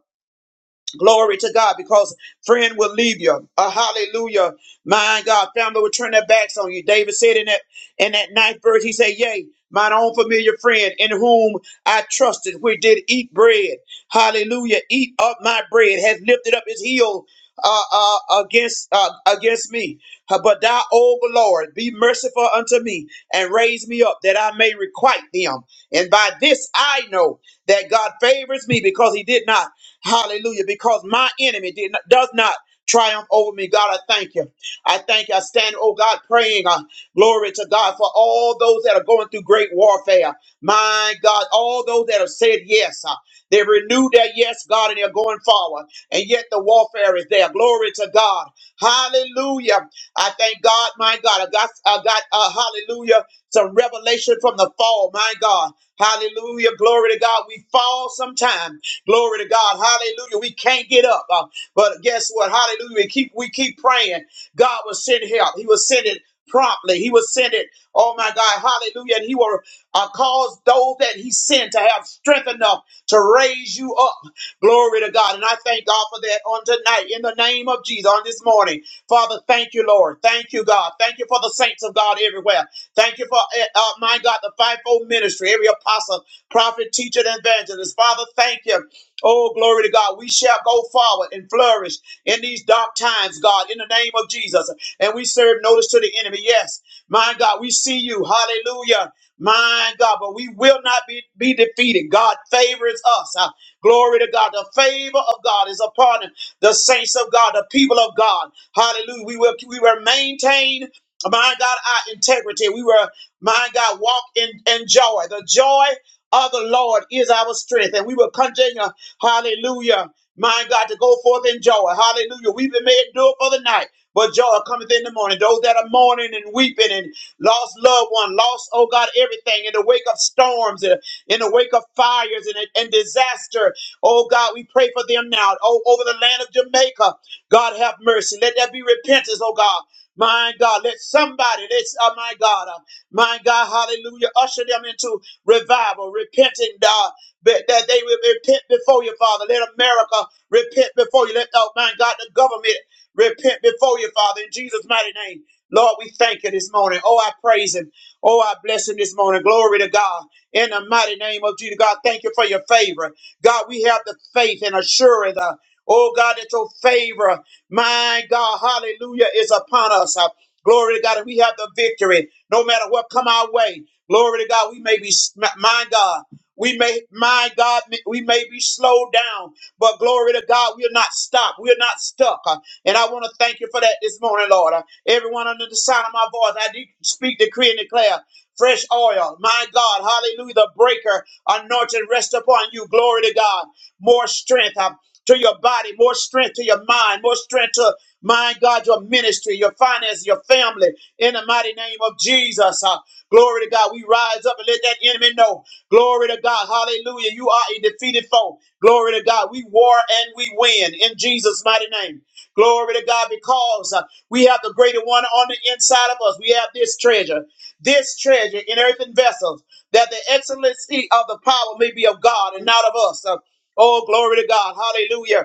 [SPEAKER 2] Glory to God, because friend will leave you. A hallelujah. My God, family will turn their backs on you. David said in that in that ninth verse, he said, Yea, mine own familiar friend in whom I trusted, which did eat bread. Hallelujah. Eat up my bread, has lifted up his heel. Uh, uh, against uh, against me, but thou, O Lord, be merciful unto me and raise me up that I may requite them. And by this I know that God favors me because He did not Hallelujah. Because my enemy did not, does not triumph over me. God, I thank you. I thank you. I stand, oh God, praying. Uh, glory to God for all those that are going through great warfare. My God, all those that have said yes. uh, they renewed their yes, God, and they're going forward. And yet the warfare is there. Glory to God. Hallelujah. I thank God, my God. I got, I got, uh, hallelujah, some revelation from the fall, my God. Hallelujah. Glory to God. We fall sometime. Glory to God. Hallelujah. We can't get up. Uh, but guess what? Hallelujah. We keep we keep praying. God will send help. He will send it promptly. He will send it. Oh my God. Hallelujah. And he will uh, cause those that he sent to have strength enough to raise you up. Glory to God. And I thank God for that on tonight in the name of Jesus on this morning. Father, thank you, Lord. Thank you, God. Thank you for the saints of God everywhere. Thank you for, uh, uh, my God, the fivefold ministry, every apostle, prophet, teacher, and evangelist. Father, thank you. Oh, glory to God. We shall go forward and flourish in these dark times, God, in the name of Jesus. And we serve notice to the enemy. Yes, my God, we see you. Hallelujah. My God, but we will not be, be defeated. God favors us. Uh, glory to God. The favor of God is upon the saints of God, the people of God. Hallelujah. We will we will maintain, my God, our integrity. We will, my God, walk in, in joy. The joy of the Lord is our strength, and we will continue. Hallelujah. My God, to go forth in joy. Hallelujah. Weeping may endure for the night, but joy cometh in the morning. Those that are mourning and weeping and lost loved one, lost, oh God, everything in the wake of storms, in in the wake of fires and, and disaster. Oh God, we pray for them now. Oh, over the land of Jamaica. God have mercy. Let there be repentance, oh God. My God, let somebody, let's, oh my God, uh, my God, hallelujah, usher them into revival, repenting, God. But that they will repent before you, Father. Let America repent before you. Let, oh, my God, the government repent before you, Father, in Jesus' mighty name. Lord, we thank you this morning. Oh, I praise him. Oh, I bless him this morning. Glory to God. In the mighty name of Jesus, God, thank you for your favor. God, we have the faith and assurance. uh, oh, God, that your favor, my God, hallelujah, is upon us. Uh, glory to God, and we have the victory. No matter what come our way, glory to God, we may be, sm- my God. We may, my God, we may be slowed down, but glory to God, we are not stopped. We are not stuck. Uh, And I want to thank you for that this morning, Lord. Uh, Everyone under the sound of my voice, I de- speak, decree, and declare fresh oil. My God, hallelujah, the breaker, anointing rest upon you. Glory to God. More strength uh, to your body, more strength to your mind, more strength to, my God, your ministry, your finances, your family. In the mighty name of Jesus. Uh, Glory to God. We rise up and let that enemy know. Glory to God. Hallelujah. You are a defeated foe. Glory to God. We war and we win in Jesus' mighty name. Glory to God because uh, we have the greater one on the inside of us. We have this treasure, this treasure in earthen vessels, that the excellency of the power may be of God and not of us. Uh, oh, glory to God. Hallelujah.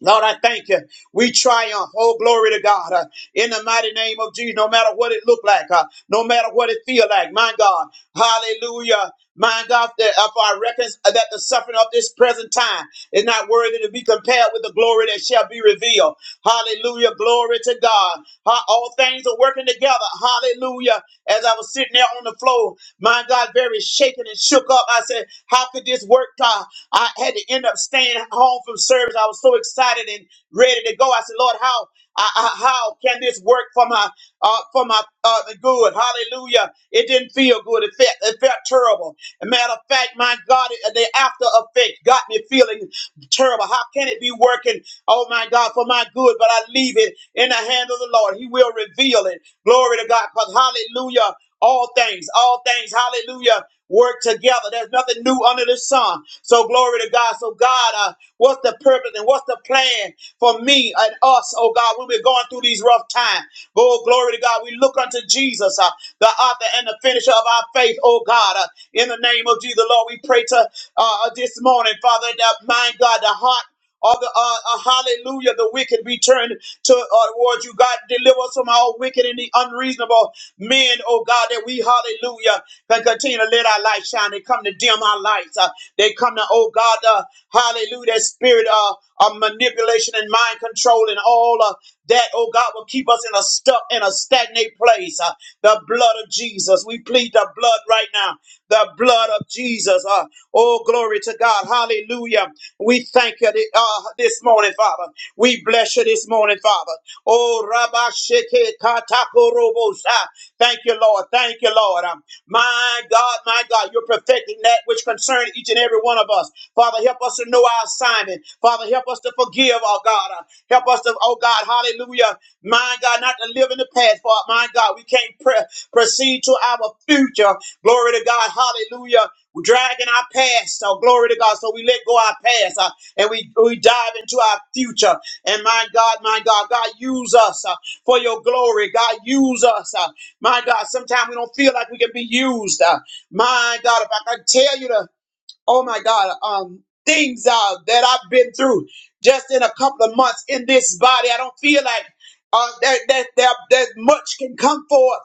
[SPEAKER 2] Lord, I thank you. We triumph. Oh, glory to God. Uh, in the mighty name of Jesus, no matter what it look like, uh, no matter what it feel like, my God. Hallelujah. My God, that if I reckon uh, that the suffering of this present time is not worthy to be compared with the glory that shall be revealed. Hallelujah. Glory to God. Ha- All things are working together. Hallelujah. As I was sitting there on the floor, my God, very shaken and shook up, I said, How could this work, God? I had to end up staying home from service. I was so excited and ready to go. I said, Lord, how I, I- how can this work for my uh, for my uh, good? Hallelujah! It didn't feel good. It felt it felt terrible. A matter of fact, my God, it- the after effect got me feeling terrible. How can it be working? Oh my God, for my good, but I leave it in the hand of the Lord. He will reveal it. Glory to God. Because hallelujah. All things, all things, hallelujah, work together. There's nothing new under the sun. So glory to God. So God, uh, what's the purpose and what's the plan for me and us, oh God, when we're going through these rough times? Oh, glory to God. We look unto Jesus, uh, the author and the finisher of our faith, oh God. Uh, in the name of Jesus, Lord, we pray to uh, uh, this morning, Father, that my God, the heart of the uh, uh, hallelujah, the wicked return to uh, towards you, God. Deliver us from all wicked and the unreasonable men, oh God, that we, hallelujah, can continue to let our light shine. They come to dim our lights. Uh, they come to, oh God, uh, hallelujah, that spirit uh, of manipulation and mind control and all. Uh, that, oh God, will keep us in a stuck in a stagnant place. Uh, the blood of Jesus. We plead the blood right now. The blood of Jesus. Uh, oh, glory to God. Hallelujah. We thank you thi- uh, this morning, Father. We bless you this morning, Father. Oh, Rabasheke Katakorobosa. Thank you, Lord. Thank you, Lord. Um, my God, my God, you're perfecting that which concerns each and every one of us. Father, help us to know our assignment. Father, help us to forgive, oh God. Uh, help us to, oh God, hallelujah. My God, not to live in the past, but my God, we can't pre- proceed to our future. Glory to God, hallelujah. We're dragging our past, so glory to God. So we let go our past uh, and we, we dive into our future. And my God, my God, God, use us uh, for your glory. God, use us. uh, my God, sometimes we don't feel like we can be used. uh, my God, if I can tell you the oh my God, um, things uh, that I've been through just in a couple of months in this body. I don't feel like uh, that, that, that, that much can come forth.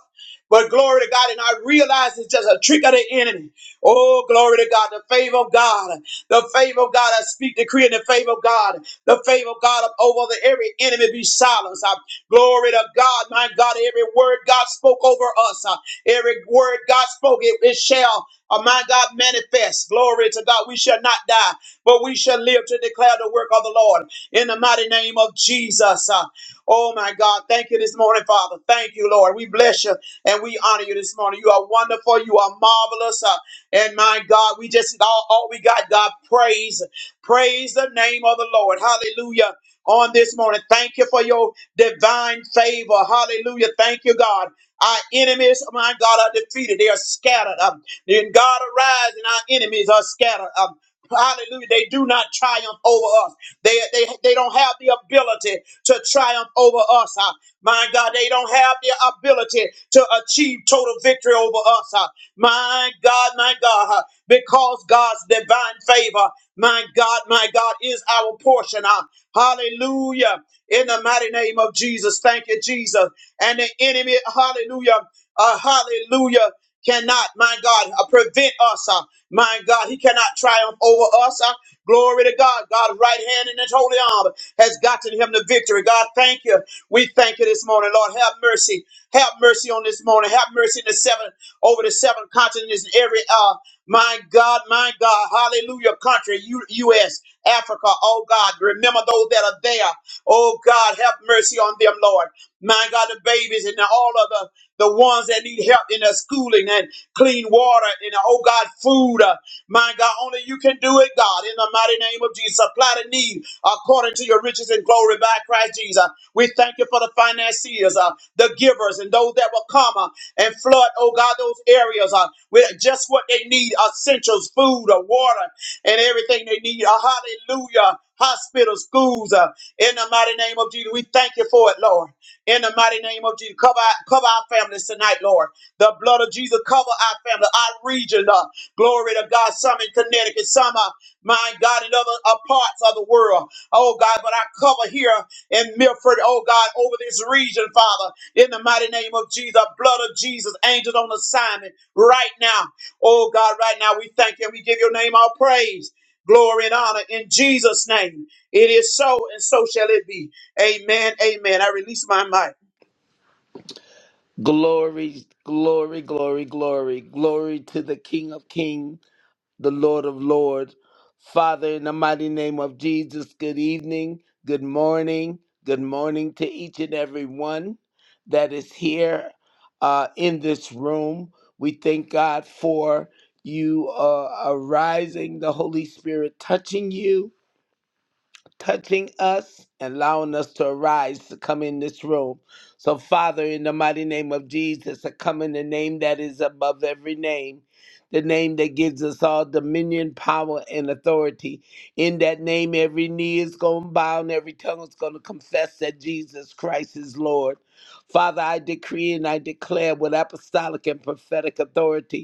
[SPEAKER 2] But glory to God, and I realize it's just a trick of the enemy. Oh, glory to God, the favor of God, the favor of God. I speak decree in the favor of God, the favor of God over the every enemy be silenced. Uh, glory to God, my God, every word God spoke over us, uh, every word God spoke, it, it shall. Oh my God, manifest. Glory to God. We shall not die, but we shall live to declare the work of the Lord in the mighty name of Jesus. Uh, Oh my God, thank you this morning, Father. Thank you, Lord. We bless you and we honor you this morning. You are wonderful. You are marvelous. Uh, and my God, we just all, all we got, God, praise. Praise the name of the Lord. Hallelujah. On this morning, thank you for your divine favor. Hallelujah. Thank you, God. Our enemies, my God, are defeated. They are scattered. Uh, then God arise and our enemies are scattered. Um, hallelujah. They do not triumph over us. They, they, they don't have the ability to triumph over us. Uh, my God, they don't have the ability to achieve total victory over us. Uh, my God, my God, uh, because God's divine favor, my God, my God, is our portion. Uh, hallelujah. In the mighty name of Jesus. Thank you, Jesus. And the enemy, hallelujah. Uh, hallelujah cannot, my God, uh, prevent us. Uh, my God, he cannot triumph over us. Uh, glory to God. God's right hand in his holy arm has gotten him the victory. God, thank you. We thank you this morning, Lord. Have mercy. Have mercy on this morning. Have mercy in the seven over the seven continents in every uh my God, my God, hallelujah, country, U- U.S., Africa, oh God, remember those that are there. Oh God, have mercy on them, Lord. My God, the babies and all of the the ones that need help in their schooling and clean water and, oh God, food. Uh, my God, only you can do it, God, in the mighty name of Jesus. Supply the need according to your riches and glory by Christ Jesus. We thank you for the financiers, uh, the givers, and those that will come uh, and flood, oh God, those areas uh, with just what they need essentials, food, uh, water, and everything they need. Uh, hallelujah. Hospitals, schools, uh, in the mighty name of Jesus. We thank you for it, Lord. In the mighty name of Jesus, cover our, cover our families tonight, Lord. The blood of Jesus cover our family, our region, Lord. Glory to God. Some in Connecticut, some are, my God, in other uh, parts of the world. Oh God, but I cover here in Milford, oh God, over this region, Father. In the mighty name of Jesus, blood of Jesus, angels on assignment right now. Oh God, right now we thank you. and We give your name all praise, glory, and honor in Jesus' name. It is so, and so shall it be. Amen. Amen. I release my mic.
[SPEAKER 3] Glory, glory, glory, glory, glory to the King of Kings, the Lord of Lords. Father, in the mighty name of Jesus, good evening, good morning, good morning to each and every one that is here uh, in this room. We thank God for you uh, arising, the Holy Spirit touching you, touching us, allowing us to arise to come in this room. So, Father, in the mighty name of Jesus, I come in the name that is above every name, the name that gives us all dominion, power, and authority. In that name, every knee is going to bow and every tongue is going to confess that Jesus Christ is Lord. Father, I decree and I declare with apostolic and prophetic authority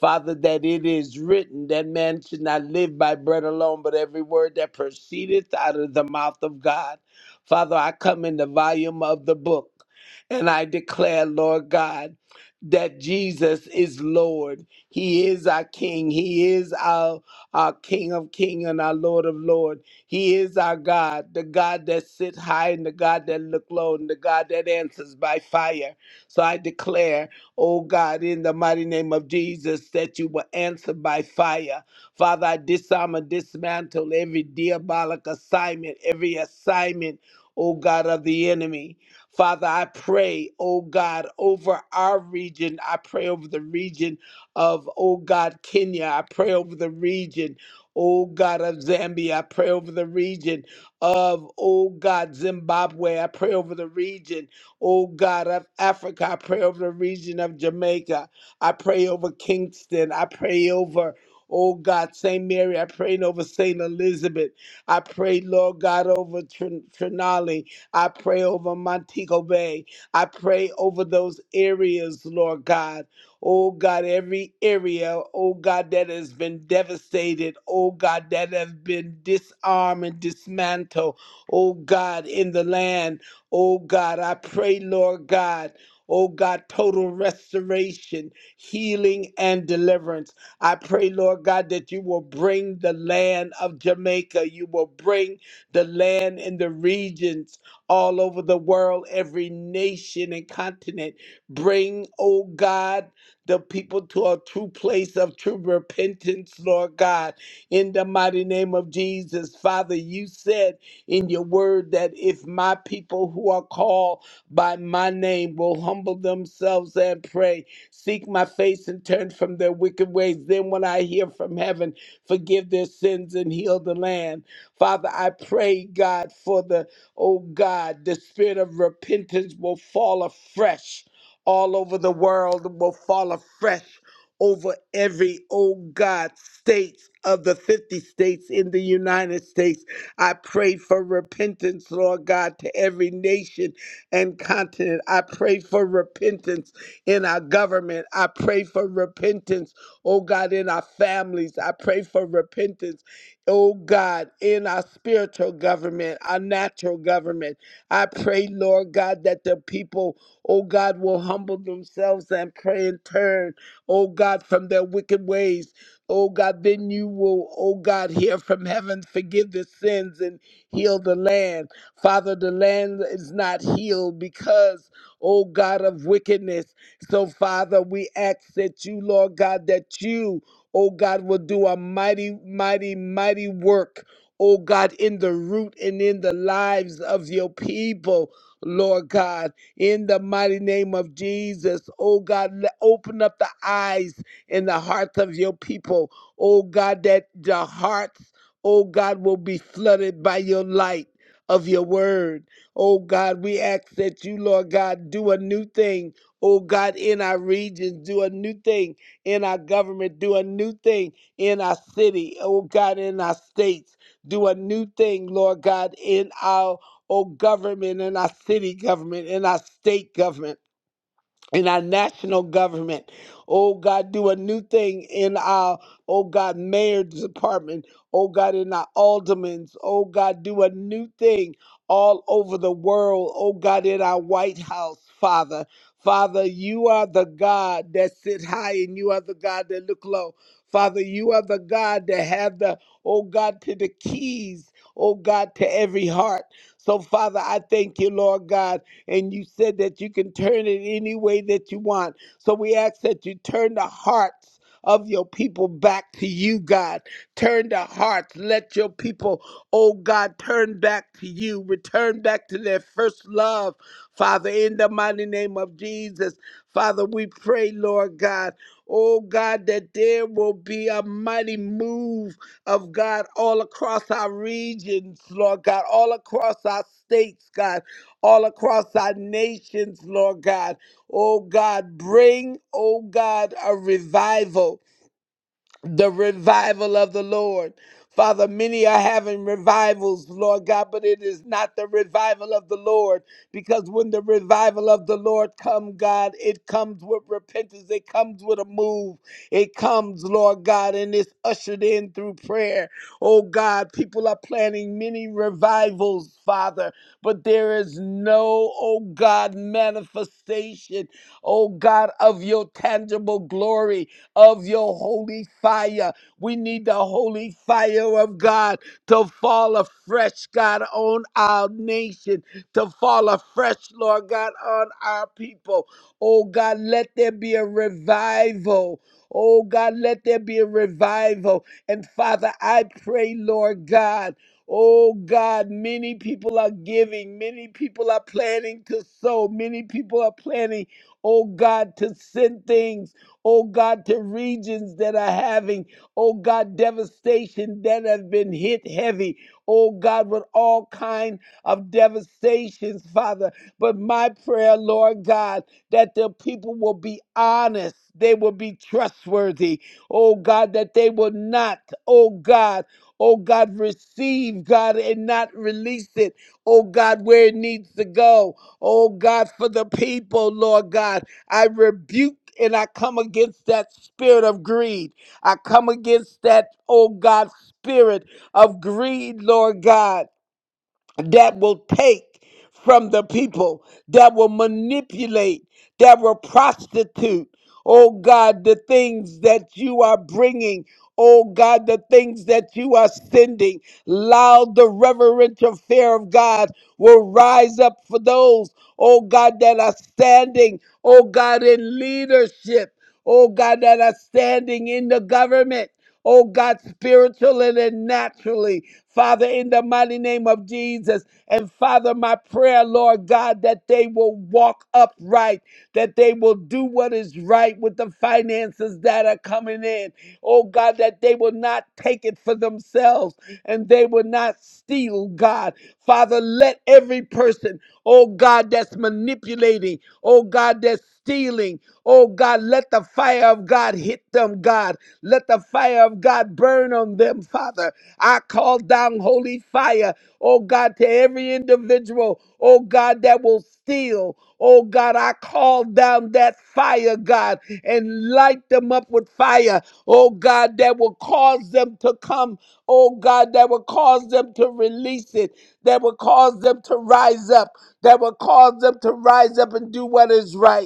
[SPEAKER 3] Father, that it is written that man should not live by bread alone, but every word that proceedeth out of the mouth of God. Father, I come in the volume of the book and I declare, Lord God, that Jesus is Lord. He is our King. He is our, our King of King and our Lord of Lord. He is our God, the God that sit high and the God that look low and the God that answers by fire. So I declare Oh God, in the mighty name of Jesus, that you will answer by fire. Father, I disarm and dismantle every diabolic assignment, every assignment, oh God, of the enemy. Father, I pray, oh God, over our region. I pray over the region of, oh God, Kenya. I pray over the region, oh God, of Zambia. I pray over the region of, oh God, Zimbabwe. I pray over the region. Oh God of Africa, I pray over the region of Jamaica. I pray over Kingston. I pray over, oh God, St. Mary. I pray over St. Elizabeth. I pray, Lord God, over Trin- Trinali. I pray over Montego Bay. I pray over those areas, Lord God. Oh God, every area, oh God, that has been devastated, oh God, that have been disarmed and dismantled, oh God, in the land. Oh God, I pray, Lord God. Oh God, total restoration, healing, and deliverance. I pray, Lord God, that you will bring the land of Jamaica. You will bring the land and the regions all over the world, every nation and continent. Bring, oh God, the people to a true place of true repentance, Lord God, in the mighty name of Jesus. Father, you said, in your word that if my people who are called by my name will humble themselves and pray, seek my face and turn from their wicked ways, then when I hear from heaven, forgive their sins and heal the land. Father, I pray, God, for the, oh God, the spirit of repentance will fall afresh all over the world, will fall afresh over every, oh God, states of the 50 states in the United States. I pray for repentance, Lord God, to every nation and continent. I pray for repentance in our government. I pray for repentance, oh God, in our families. I pray for repentance, oh God, in our spiritual government, our natural government. I pray, Lord God, that the people, oh God, will humble themselves and pray and turn, oh God, from their wicked ways. Oh God, then you will, oh God, hear from heaven, forgive the sins and heal the land. Father, the land is not healed because, oh God, of wickedness. So, Father, we ask that you, Lord God, that you, oh God, will do a mighty, mighty, mighty work, oh God, in the root and in the lives of your people. Lord God, in the mighty name of Jesus, oh God, le- open up the eyes in the hearts of your people. Oh God, that the hearts, oh God, will be flooded by your light of your word. Oh God, we ask that you, Lord God, do a new thing. Oh God, in our regions, do a new thing in our government, do a new thing in our city. Oh God, in our states, do a new thing, Lord God, in our oh government, in our city government, in our state government in our national government. Oh God, do a new thing in our, oh God, mayor's department. Oh God, in our aldermen's. Oh God, do a new thing all over the world. Oh God, in our White House, Father. Father, you are the God that sit high and you are the God that look low. Father, you are the God that have the, oh God, to the keys, oh God, to every heart. So, Father, I thank you, Lord God and you said that you can turn it any way that you want. So we ask that you turn the hearts of your people back to you, God. Turn the hearts. Let your people, oh God, turn back to you. Return back to their first love, Father, in the mighty name of Jesus. Father, we pray, Lord God, oh God, that there will be a mighty move of God all across our regions, Lord God, all across our states, God all across our nations, Lord God. Oh God, bring, oh God, a revival the revival of the Lord. Father, many are having revivals, Lord God, but it is not the revival of the Lord. Because when the revival of the Lord come, God, it comes with repentance. It comes with a move. It comes, Lord God, and it's ushered in through prayer. Oh God, people are planning many revivals, Father, but there is no, oh God, manifestation, oh God, of your tangible glory of your holy fire. We need the holy fire of God to fall afresh, God, on our nation, to fall afresh, Lord God, on our people. Oh God, let there be a revival. Oh God, let there be a revival. And Father, I pray, Lord God. Oh God, many people are giving, many people are planning to sow, many people are planning, oh God, to send things oh God, to regions that are having, oh God, devastation that have been hit heavy, oh God, with all kind of devastations, Father. But my prayer, Lord God, that the people will be honest. They will be trustworthy. Oh God, that they will not, oh God, oh God, receive, God, and not release it, oh God, where it needs to go. Oh God, for the people, Lord God. I rebuke and I come against that spirit of greed. I come against that, oh God, spirit of greed, Lord God that will take from the people, that will manipulate, that will prostitute. Oh God, the things that you are bringing. Oh God, the things that you are sending. Loud, the reverential fear of God will rise up for those, oh God, that are standing, oh God, in leadership. Oh God, that are standing in the government oh God, spiritually and naturally. Father, in the mighty name of Jesus. And Father, my prayer, Lord God, that they will walk upright, that they will do what is right with the finances that are coming in. Oh God, that they will not take it for themselves and they will not steal, God. Father, let every person, oh God, that's manipulating, oh God, that's stealing, oh God, let the fire of God hit them, God. Let the fire of God burn on them, Father. I call down holy fire, oh God, to every individual, oh God, that will steal. Oh God, I call down that fire, God, and light them up with fire, oh God, that will cause them to come, oh God, that will cause them to release it, that will cause them to rise up, that will cause them to rise up and do what is right.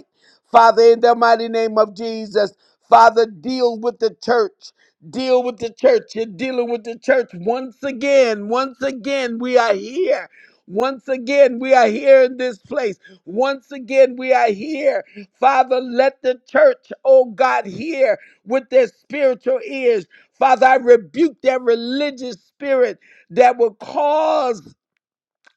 [SPEAKER 3] Father, in the mighty name of Jesus, Father, deal with the church. Deal with the church. You're dealing with the church once again. Once again, we are here. Once again, we are here in this place. Once again, we are here. Father, let the church, oh God, hear with their spiritual ears. Father, I rebuke that religious spirit that will cause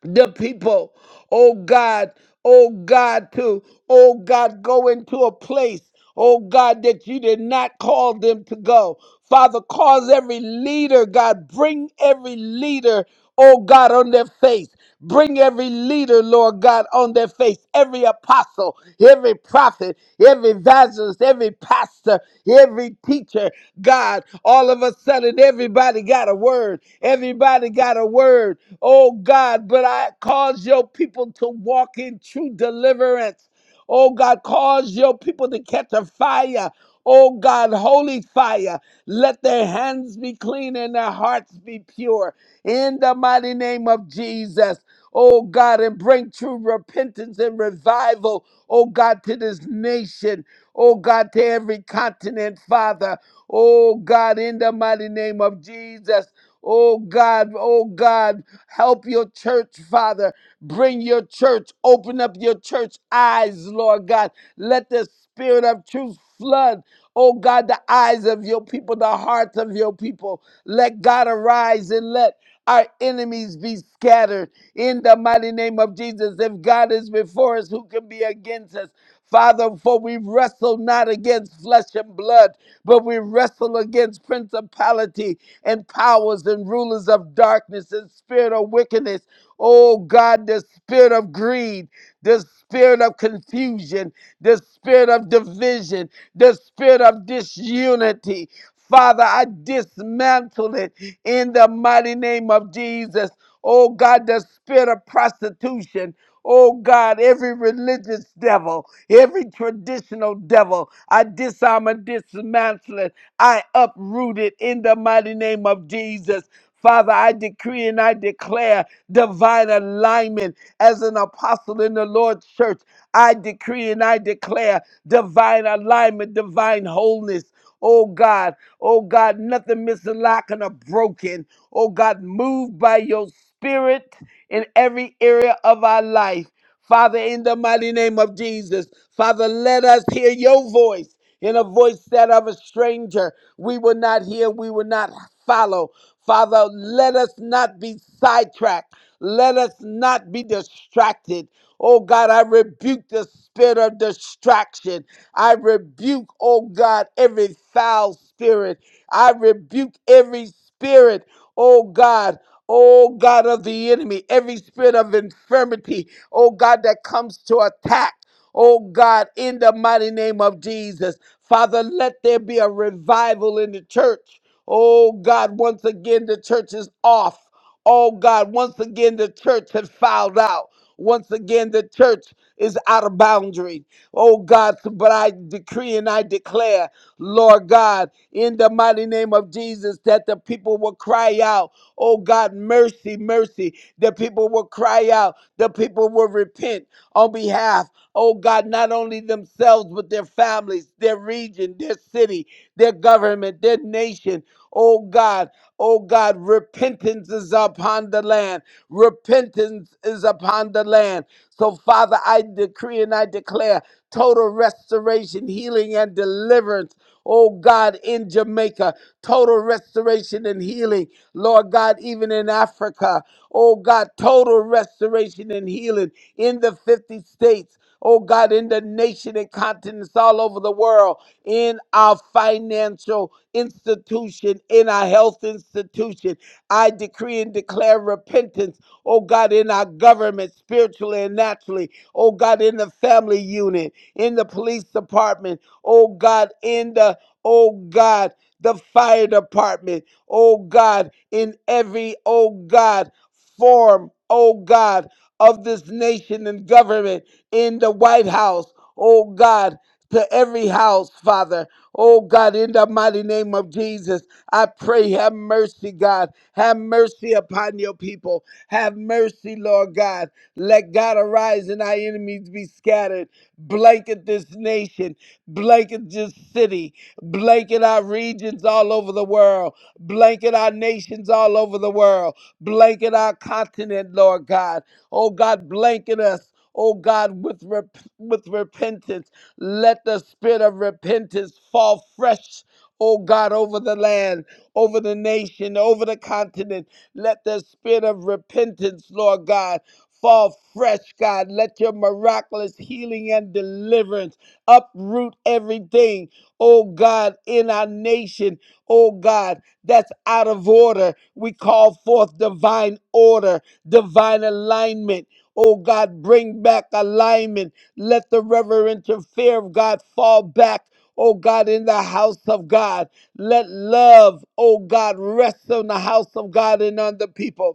[SPEAKER 3] the people, oh God, oh God, to, oh God, go into a place, oh God, that you did not call them to go. Father, cause every leader, God, bring every leader, oh God, on their face. Bring every leader, Lord God, on their face, every apostle, every prophet, every evangelist, every pastor, every teacher, God. All of a sudden, everybody got a word. Everybody got a word oh God, but I cause your people to walk in true deliverance. Oh God, cause your people to catch a fire. Oh God, holy fire. Let their hands be clean and their hearts be pure. In the mighty name of Jesus. Oh God, and bring true repentance and revival, oh God, to this nation, oh God, to every continent, Father. Oh God, in the mighty name of Jesus. Oh God, oh God, help your church, Father. Bring your church, open up your church eyes, Lord God. Let the spirit of truth flood, oh God, the eyes of your people, the hearts of your people. Let God arise and let our enemies be scattered in the mighty name of Jesus. If God is before us, who can be against us? Father, for we wrestle not against flesh and blood, but we wrestle against principality and powers and rulers of darkness and spirit of wickedness. Oh God, the spirit of greed, the spirit of confusion, the spirit of division, the spirit of disunity. Father, I dismantle it in the mighty name of Jesus. Oh God, the spirit of prostitution. Oh God, every religious devil, every traditional devil, I disarm and dismantle it. I uproot it in the mighty name of Jesus. Father, I decree and I declare divine alignment as an apostle in the Lord's church. I decree and I declare divine alignment, divine wholeness. Oh God, oh God, nothing missing, lacking, or broken. Oh God, move by your spirit in every area of our life. Father, in the mighty name of Jesus, Father, let us hear your voice in a voice that of a stranger. We will not hear, we will not follow. Father, let us not be sidetracked. Let us not be distracted. Oh God, I rebuke the spirit of distraction. I rebuke, oh God, every foul spirit. I rebuke every spirit, oh God. Oh God of the enemy, every spirit of infirmity, oh God, that comes to attack, oh God, in the mighty name of Jesus. Father, let there be a revival in the church. Oh God, once again, the church is off. Oh God, once again, the church has fouled out. Once again, the church is out of boundaries. Oh God, but I decree and I declare, Lord God, in the mighty name of Jesus, that the people will cry out, Oh God, mercy, mercy. The people will cry out, the people will repent on behalf, oh God, not only themselves, but their families, their region, their city, their government, their nation. Oh God, oh God, repentance is upon the land. Repentance is upon the land. So, Father, I decree and I declare total restoration, healing, and deliverance. Oh God, in Jamaica, total restoration and healing. Lord God, even in Africa, oh God, total restoration and healing in the 50 states. Oh God, in the nation and continents all over the world, in our financial institution, in our health institution, I decree and declare repentance. Oh God, in our government, spiritually and naturally. Oh God, in the family unit in the police department, oh God, in the, oh God, the fire department, oh God, in every, oh God, form, oh God, of this nation and government, in the White House, oh God, to every house, Father. Oh God, in the mighty name of Jesus, I pray, have mercy, God. Have mercy upon your people. Have mercy, Lord God. Let God arise and our enemies be scattered. Blanket this nation, blanket this city, blanket our regions all over the world, blanket our nations all over the world, blanket our continent, Lord God. Oh God, blanket us. Oh God, with rep- with repentance, let the spirit of repentance fall fresh oh God, over the land, over the nation, over the continent. Let the spirit of repentance, Lord God, fall fresh, God. Let your miraculous healing and deliverance uproot everything, oh God, in our nation, oh God, that's out of order. We call forth divine order, divine alignment. Oh God, bring back alignment. Let the reverential fear of God fall back oh God, in the house of God. Let love, oh God, rest on the house of God and on the people.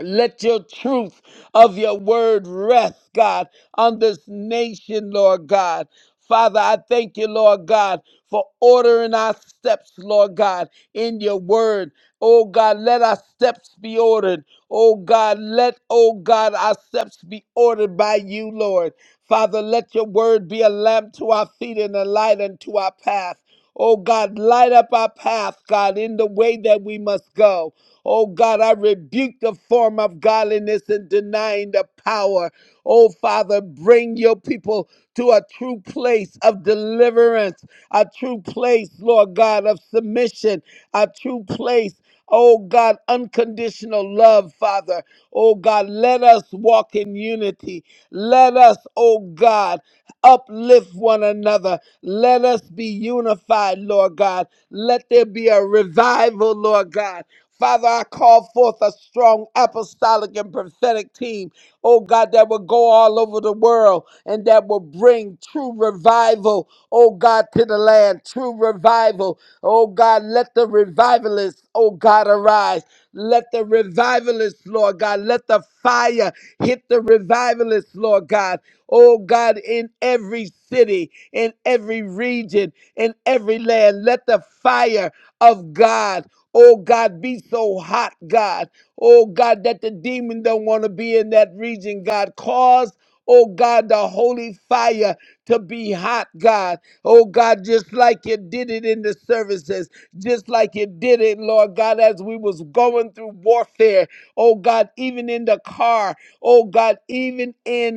[SPEAKER 3] Let your truth of your word rest, God, on this nation, Lord God. Father, I thank you, Lord God, for ordering our steps, Lord God, in your word. Oh God, let our steps be ordered. Oh God, let, oh God, our steps be ordered by you, Lord. Father, let your word be a lamp to our feet and a light unto our path. Oh God, light up our path, God, in the way that we must go. Oh God, I rebuke the form of godliness and denying the power. Oh Father, bring your people to a true place of deliverance, a true place, Lord God, of submission, a true place. Oh God, unconditional love, Father. Oh God, let us walk in unity. Let us, oh God, uplift one another. Let us be unified, Lord God. Let there be a revival, Lord God. Father, I call forth a strong apostolic and prophetic team, oh God, that will go all over the world and that will bring true revival, oh God, to the land. True revival, oh God, let the revivalists, oh God, arise. Let the revivalists, Lord God, let the fire hit the revivalists, Lord God. Oh God, in every city, in every region, in every land, let the fire of God Oh God, be so hot, God. Oh God, that the demon don't want to be in that region, God. Cause, oh God, the holy fire to be hot, God. Oh God, just like you did it in the services, just like you did it, Lord God, as we was going through warfare. Oh God, even in the car. Oh God, even in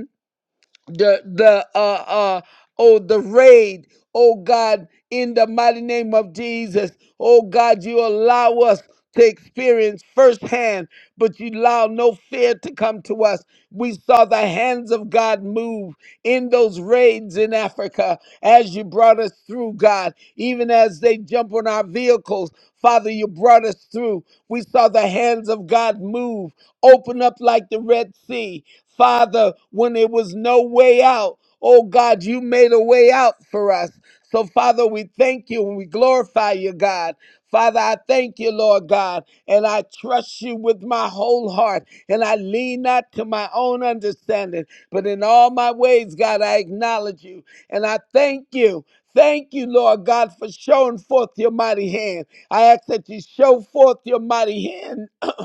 [SPEAKER 3] the the uh uh oh the raid oh god in the mighty name of jesus oh god you allow us to experience firsthand but you allow no fear to come to us we saw the hands of god move in those raids in africa as you brought us through god even as they jump on our vehicles father you brought us through we saw the hands of god move open up like the Red Sea. Father, when there was no way out, oh God, you made a way out for us. So, Father, we thank you and we glorify you, God. Father, I thank you, Lord God, and I trust you with my whole heart, and I lean not to my own understanding, but in all my ways, God, I acknowledge you, and I thank you. Thank you, Lord God, for showing forth your mighty hand. I ask that you show forth your mighty hand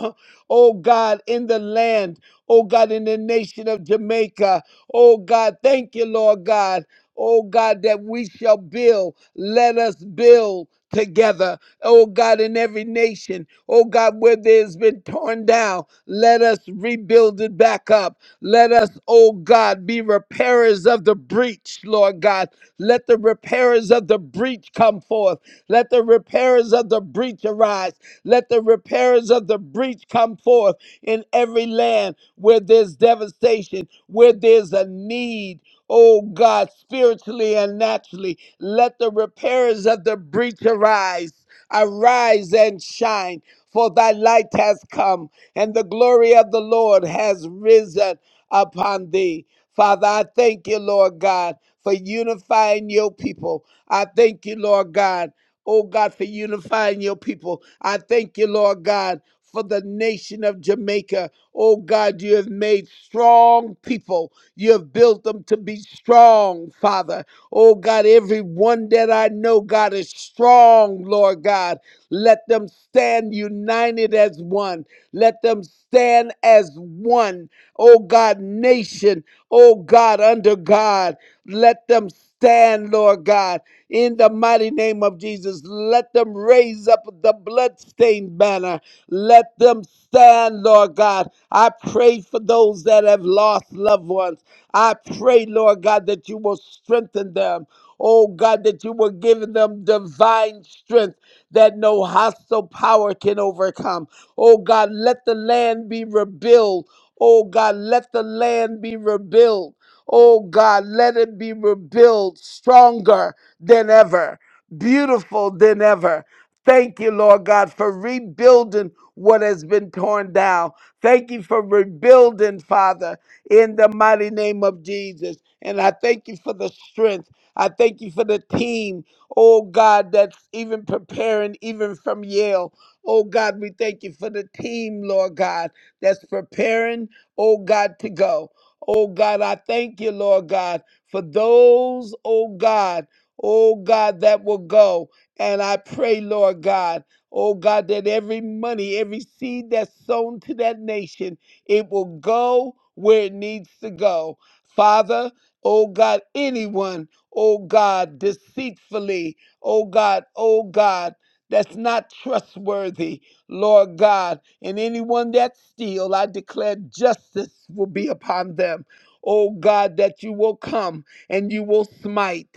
[SPEAKER 3] oh God, in the land, oh God, in the nation of Jamaica. Oh God, thank you, Lord God. Oh God, that we shall build. Let us build together. Oh God, in every nation. Oh God, where there's been torn down, let us rebuild it back up. Let us, oh God, be repairers of the breach, Lord God. Let the repairers of the breach come forth. Let the repairers of the breach arise. Let the repairers of the breach come forth in every land where there's devastation, where there's a need. Oh God, spiritually and naturally, let the repairers of the breach arise. Arise and shine, for thy light has come, and the glory of the Lord has risen upon thee. Father, I thank you, Lord God, for unifying your people. I thank you, Lord God, oh God, for unifying your people. I thank you, Lord God, for the nation of Jamaica. Oh God, you have made strong people. You have built them to be strong, Father. Oh God, everyone that I know, God, is strong, Lord God. Let them stand united as one. Let them stand as one. Oh God, nation oh God, under God. Let them stand, Lord God, in the mighty name of Jesus. Let them raise up the bloodstained banner. Let them stand, Lord God. I pray for those that have lost loved ones. I pray, Lord God, that you will strengthen them. Oh God, that you will give them divine strength that no hostile power can overcome. Oh God, let the land be rebuilt. Oh God, let the land be rebuilt. Oh God, let it be rebuilt stronger than ever, beautiful than ever. Thank you, Lord God, for rebuilding what has been torn down. Thank you for rebuilding, Father, in the mighty name of Jesus. And I thank you for the strength. I thank you for the team, oh God, that's even preparing, even from Yale. Oh God, we thank you for the team, Lord God that's preparing, oh God, to go. Oh God, I thank you, Lord God, for those, oh God, oh God, that will go. And I pray, Lord God, oh God, that every money, every seed that's sown to that nation, it will go where it needs to go. Father, oh God, anyone, oh God, deceitfully, oh God, oh God, that's not trustworthy, Lord God and anyone that steal, I declare justice will be upon them. Oh God, that you will come and you will smite.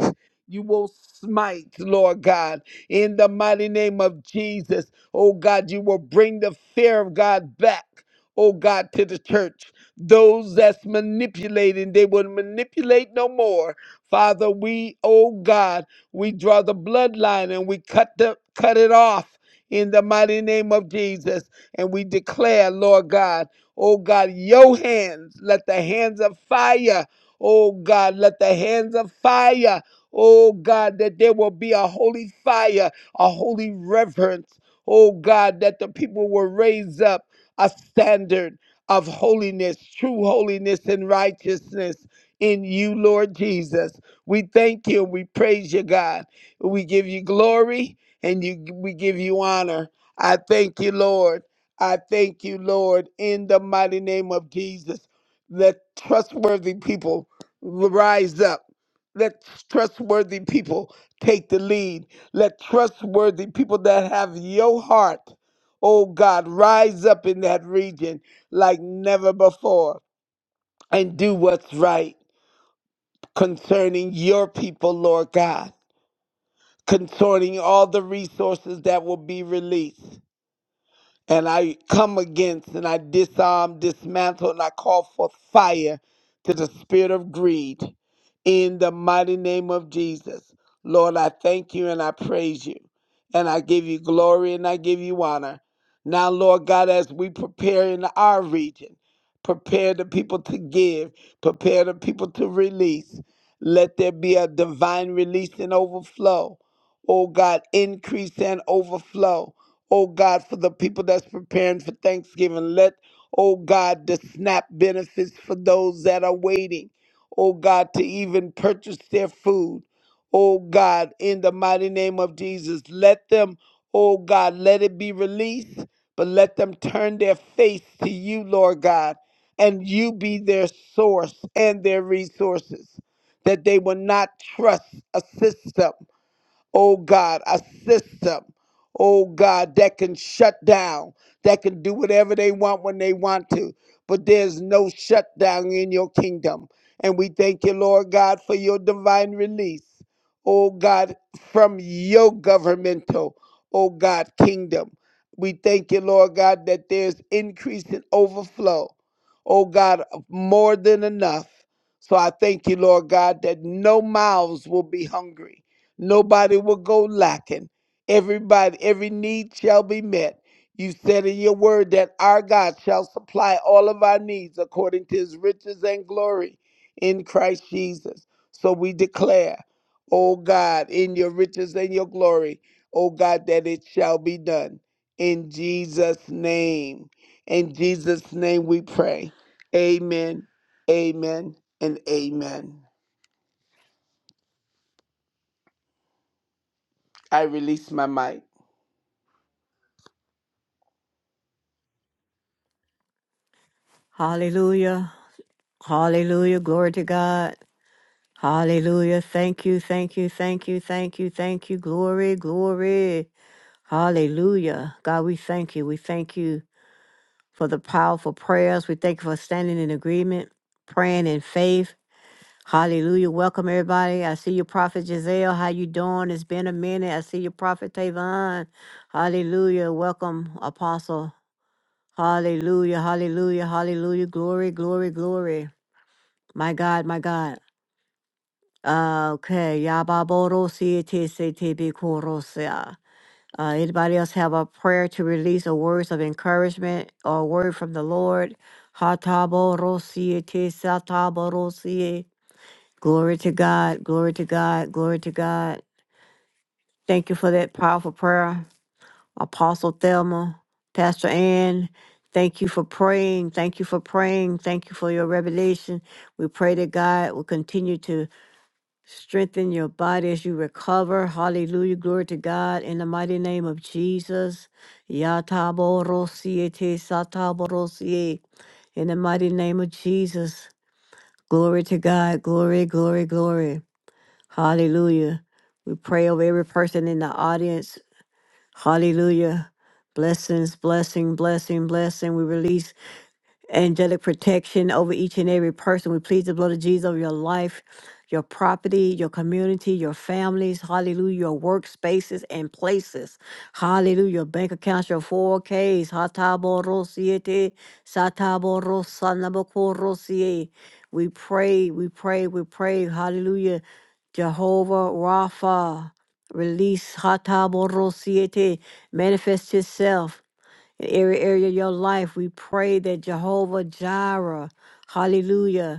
[SPEAKER 3] You will smite, Lord God, in the mighty name of Jesus. Oh God, you will bring the fear of God back, oh God, to the church. Those that's manipulating, they will manipulate no more. Father, we, oh God, we draw the bloodline and we cut the cut it off in the mighty name of Jesus. And we declare, Lord God, oh God, your hands, let the hands of fire, oh God, let the hands of fire, oh God, that there will be a holy fire, a holy reverence, oh God, that the people will raise up a standard of holiness, true holiness and righteousness in you, Lord Jesus. We thank you and we praise you, God. We give you glory and you, we give you honor. I thank you, Lord. I thank you, Lord, in the mighty name of Jesus. Let trustworthy people rise up. Let trustworthy people take the lead. Let trustworthy people that have your heart, oh God, rise up in that region like never before and do what's right concerning your people, Lord God, concerning all the resources that will be released. And I come against and I disarm, dismantle, and I call forth fire to the spirit of greed in the mighty name of Jesus. Lord, I thank you and I praise you. And I give you glory and I give you honor. Now, Lord God, as we prepare in our region, Prepare the people to give. Prepare the people to release. Let there be a divine release and overflow. Oh God, increase and overflow. Oh God, for the people that's preparing for Thanksgiving, let, oh God, the SNAP benefits for those that are waiting, oh God, to even purchase their food oh God, in the mighty name of Jesus. Let them, oh God, let it be released, but let them turn their face to you, Lord God, and you be their source and their resources, that they will not trust a system oh God, a system, oh God, that can shut down, that can do whatever they want when they want to. But there's no shutdown in your kingdom. And we thank you, Lord God, for your divine release, oh God, from your governmental, oh God, kingdom. We thank you, Lord God, that there's increase and overflow, oh God, of more than enough. So I thank you, Lord God, that no mouths will be hungry Nobody will go lacking. Everybody, every need shall be met. You said in your word that our God shall supply all of our needs according to his riches and glory in Christ Jesus. So we declare, O God, in your riches and your glory, O God, that it shall be done in Jesus' name. In Jesus' name we pray. Amen, amen, and amen. I release my mic.
[SPEAKER 1] Hallelujah. Hallelujah. Glory to God. Hallelujah. Thank you, thank you, thank you, thank you, thank you. Glory, glory. Hallelujah. God, we thank you. We thank you for the powerful prayers. We thank you for standing in agreement, praying in faith. Hallelujah. Welcome everybody. I see you, Prophet Giselle. How you doing? It's been a minute. I see you, Prophet Tavon. Hallelujah. Welcome, Apostle. Hallelujah. Hallelujah. Hallelujah. Glory, glory, glory. My God, my God. Uh, okay, Yababorosi TCTB Korosia. Uh, anybody else have a prayer to release or words of encouragement or a word from the Lord? Hataborosi Tisatabarosi. Glory to God, glory to God, glory to God. Thank you for that powerful prayer, Apostle Thelma, Pastor Ann. Thank you for praying. Thank you for praying. Thank you for your revelation. We pray that God will continue to Strengthen your body as you recover. Hallelujah. Glory to God. In the mighty name of Jesus. Yataboros te sataboros In the mighty name of Jesus. Glory to God. Glory, glory, glory. Hallelujah. We pray over every person in the audience. Hallelujah. Blessings, blessing, blessing, blessing. We release angelic protection over each and every person. We plead the blood of Jesus over your life, your property, your community, your families, hallelujah, your workspaces and places. Hallelujah, your bank accounts, your 4Ks, hataborosiete, sataborosanabokorosie. we pray, we pray, we pray, hallelujah, Jehovah Rapha, release, hataborosiete, manifest yourself, in every area of your life. We pray that Jehovah Jireh, hallelujah,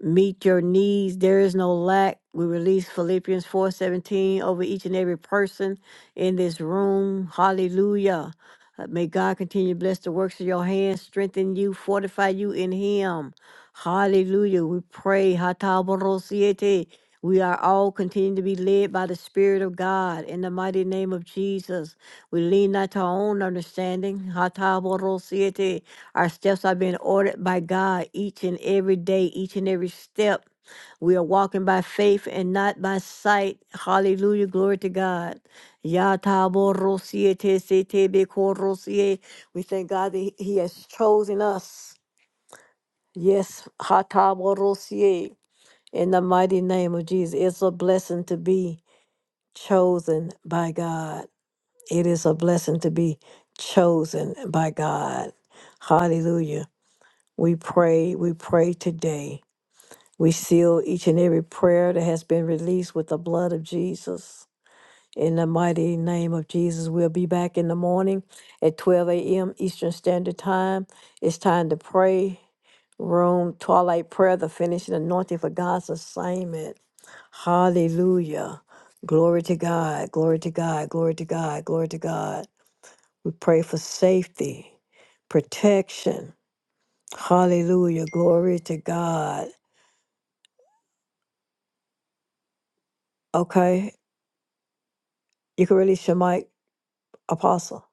[SPEAKER 1] meet your needs. There is no lack. We release Philippians 4:17 over each and every person in this room. Hallelujah. Uh, May God continue to bless the works of your hands, strengthen you, fortify you in him. Hallelujah. We pray. Hataborosiete. We are all continuing to be led by the Spirit of God in the mighty name of Jesus. We lean not to our own understanding. Hataborosiete. Our steps are being ordered by God each and every day, each and every step. We are walking by faith and not by sight. Hallelujah. Glory to God. Ya tabo rosie te se te be ko rosie. We thank God that He He has chosen us. Yes. ha tabo rosie. In the mighty name of Jesus. It's a blessing to be chosen by God. It is a blessing to be chosen by God. Hallelujah. We pray, we pray today. We seal each and every prayer that has been released with the blood of Jesus. In the mighty name of Jesus, we'll be back in the morning at 12 a.m. Eastern Standard Time. It's time to pray. Room, twilight prayer, the finishing anointing for God's assignment. Hallelujah. Glory to God, glory to God, glory to God, glory to God. We pray for safety, protection, Hallelujah. Glory to God. Okay. You can release your mic, Apostle.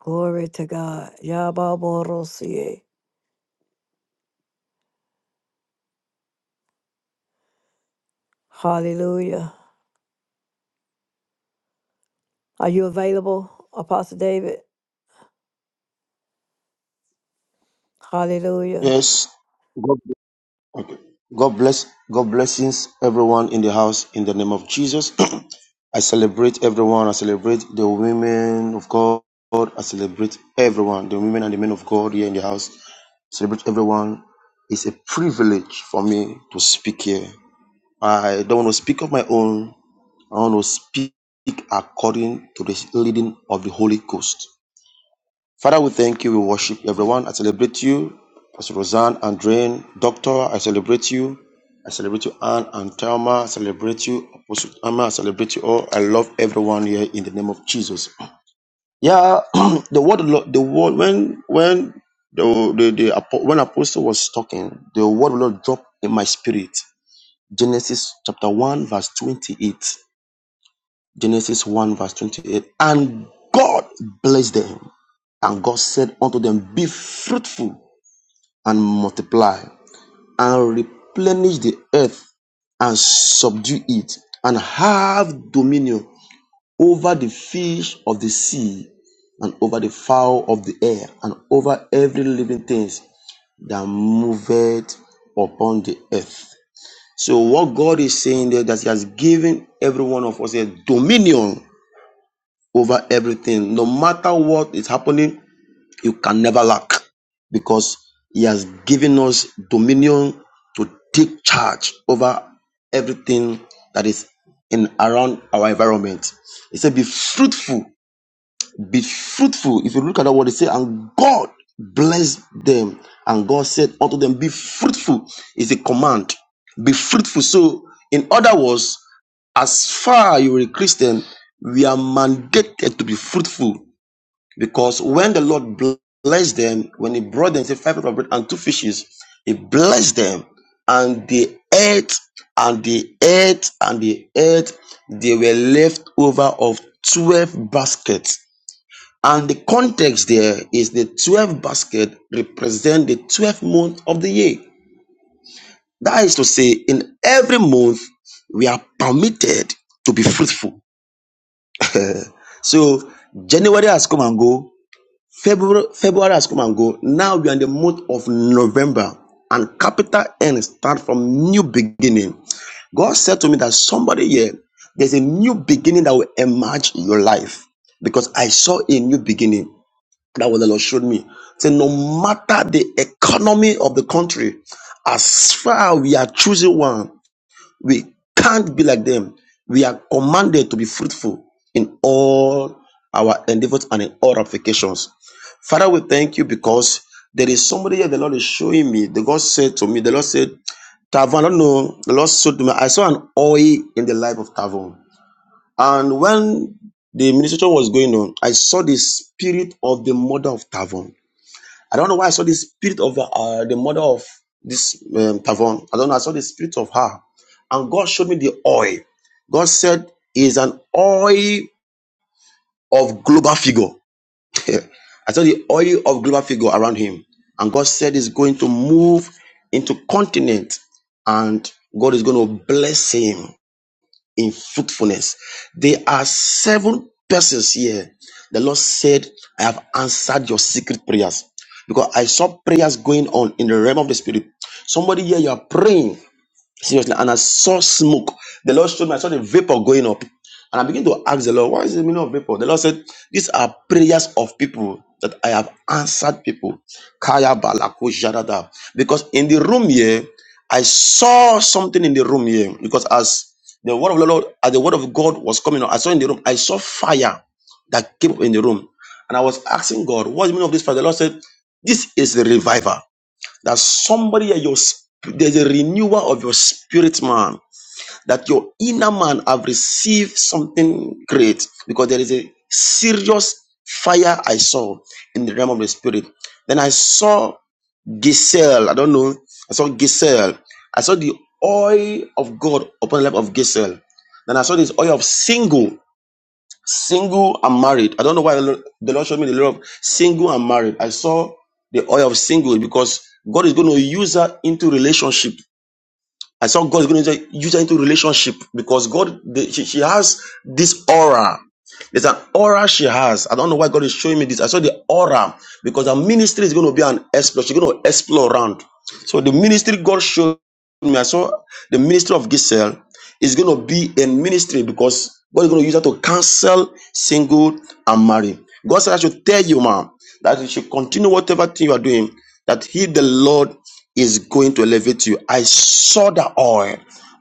[SPEAKER 1] Glory to God. Yababorosie. Hallelujah. Are you available, Apostle David? Hallelujah.
[SPEAKER 4] Yes. God, okay. God bless. God blessings everyone in the house in the name of Jesus. I celebrate everyone. I celebrate the women of God. I celebrate everyone, the women and the men of God here in the house. Celebrate everyone. It's a privilege for me to speak here. I don't want to speak of my own. I want to speak according to the leading of the Holy Ghost. Father, we thank you. We worship everyone. I celebrate you. Pastor Roseanne, Andreen, Doctor, I celebrate you. I celebrate you, Anne and Thelma. I celebrate you. Apostle Amma, I celebrate you all. I love everyone here in the name of Jesus. Yeah, the word, of Lord- the word, when, when the, the, the, apo- when apostle was talking, the word of the Lord dropped in my spirit. Genesis chapter 1, verse 28. Genesis 1, verse 28. And God blessed them, and God said unto them, Be fruitful and multiply, and replenish the earth, and subdue it, and have dominion over the fish of the sea, and over the fowl of the air, and over every living thing that moveth upon the earth. So, what God is saying there that He has given every one of us a dominion over everything. No matter what is happening, you can never lack because He has given us dominion to take charge over everything that is in around our environment. He said, Be fruitful, be fruitful. If you look at that word, he said, And God blessed them. And God said unto them, Be fruitful, is a command. Be fruitful. So, in other words, as far you are a Christian, we are mandated to be fruitful because when the Lord blessed them, when He brought them, say five loaves of bread and two fishes, He blessed them and they ate and they ate and they ate. They were left over of 12 baskets. And the context there is the 12 basket represent the 12th month of the year. That is to say, in every month, we are permitted to be fruitful. Uh, so January has come and go. February, February has come and go. Now we are in the month of November, and capital N start from new beginning. God said to me that somebody here, there's a new beginning that will emerge in your life because I saw a new beginning. That what the Lord showed me. So no matter the economy of the country, as far as we are choosing one, we can't be like them. We are commanded to be fruitful in all our endeavors and in all applications. Father, we thank you because there is somebody here the Lord is showing me. The God said to me, the Lord said, Tavon, I don't know, the Lord said to me, I saw an oil in the life of Tavon. And when the ministration was going on, I saw the spirit of the mother of Tavon. I don't know why I saw the spirit of uh, the mother of this um, Tavon. I don't know. I saw the spirit of her. And God showed me the oil. God said, is an oil of global figure. I saw the oil of global figure around him. And God said, is going to move into continent and God is going to bless him in fruitfulness. There are seven persons here. The Lord said, I have answered your secret prayers. Because I saw prayers going on in the realm of the spirit. Somebody here, you are praying Seriously. And I saw smoke. The Lord showed me, I saw the vapor going up. And I began to ask the Lord, what is the meaning of vapor? The Lord said, these are prayers of people that I have answered people. Kaya balako jadada. Because in the room here, I saw something in the room here. Because as the word of the Lord, as the word of God was coming out, I saw in the room, I saw fire that came up in the room. And I was asking God, what is the meaning of this fire? The Lord said, this is the reviver that somebody your sp- there's a renewal of your spirit man that your inner man have received something great because there is a serious fire i saw in the realm of the spirit then i saw Giselle. I don't know. I saw Giselle. I saw the oil of God upon the life of Giselle. Then I saw this oil of single single and married. I don't know why the Lord the Lord showed me the law of single and married. I saw the oil of single because God is going to use her into relationship. I saw God is going to use her into relationship because God, the, she, she has this aura. There's an aura she has. I don't know why God is showing me this. I saw the aura because her ministry is going to be an explore. She's going to explore around. So the ministry God showed me, I saw the ministry of Giselle is going to be a ministry because God is going to use her to cancel single and married. God said, I should tell you, ma, that you should continue whatever thing you are doing, that He, the Lord, is going to elevate you. I saw the oil.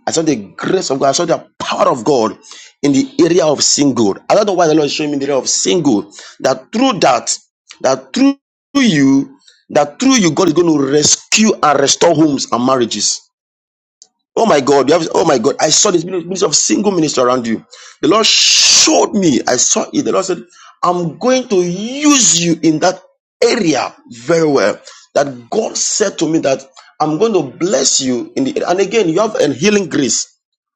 [SPEAKER 4] I saw the grace of God. I saw the power of God in the area of single. I don't know why the Lord is showing me the area of single. That through that, that through you, that through you, God is going to rescue and restore homes and marriages. Oh my God, you have, oh my God, I saw this ministry of single minister around you. The Lord showed me, I saw it. The Lord said, I'm going to use you in that area very well. That God said to me that I'm going to bless you in the, and again, you have a healing grace.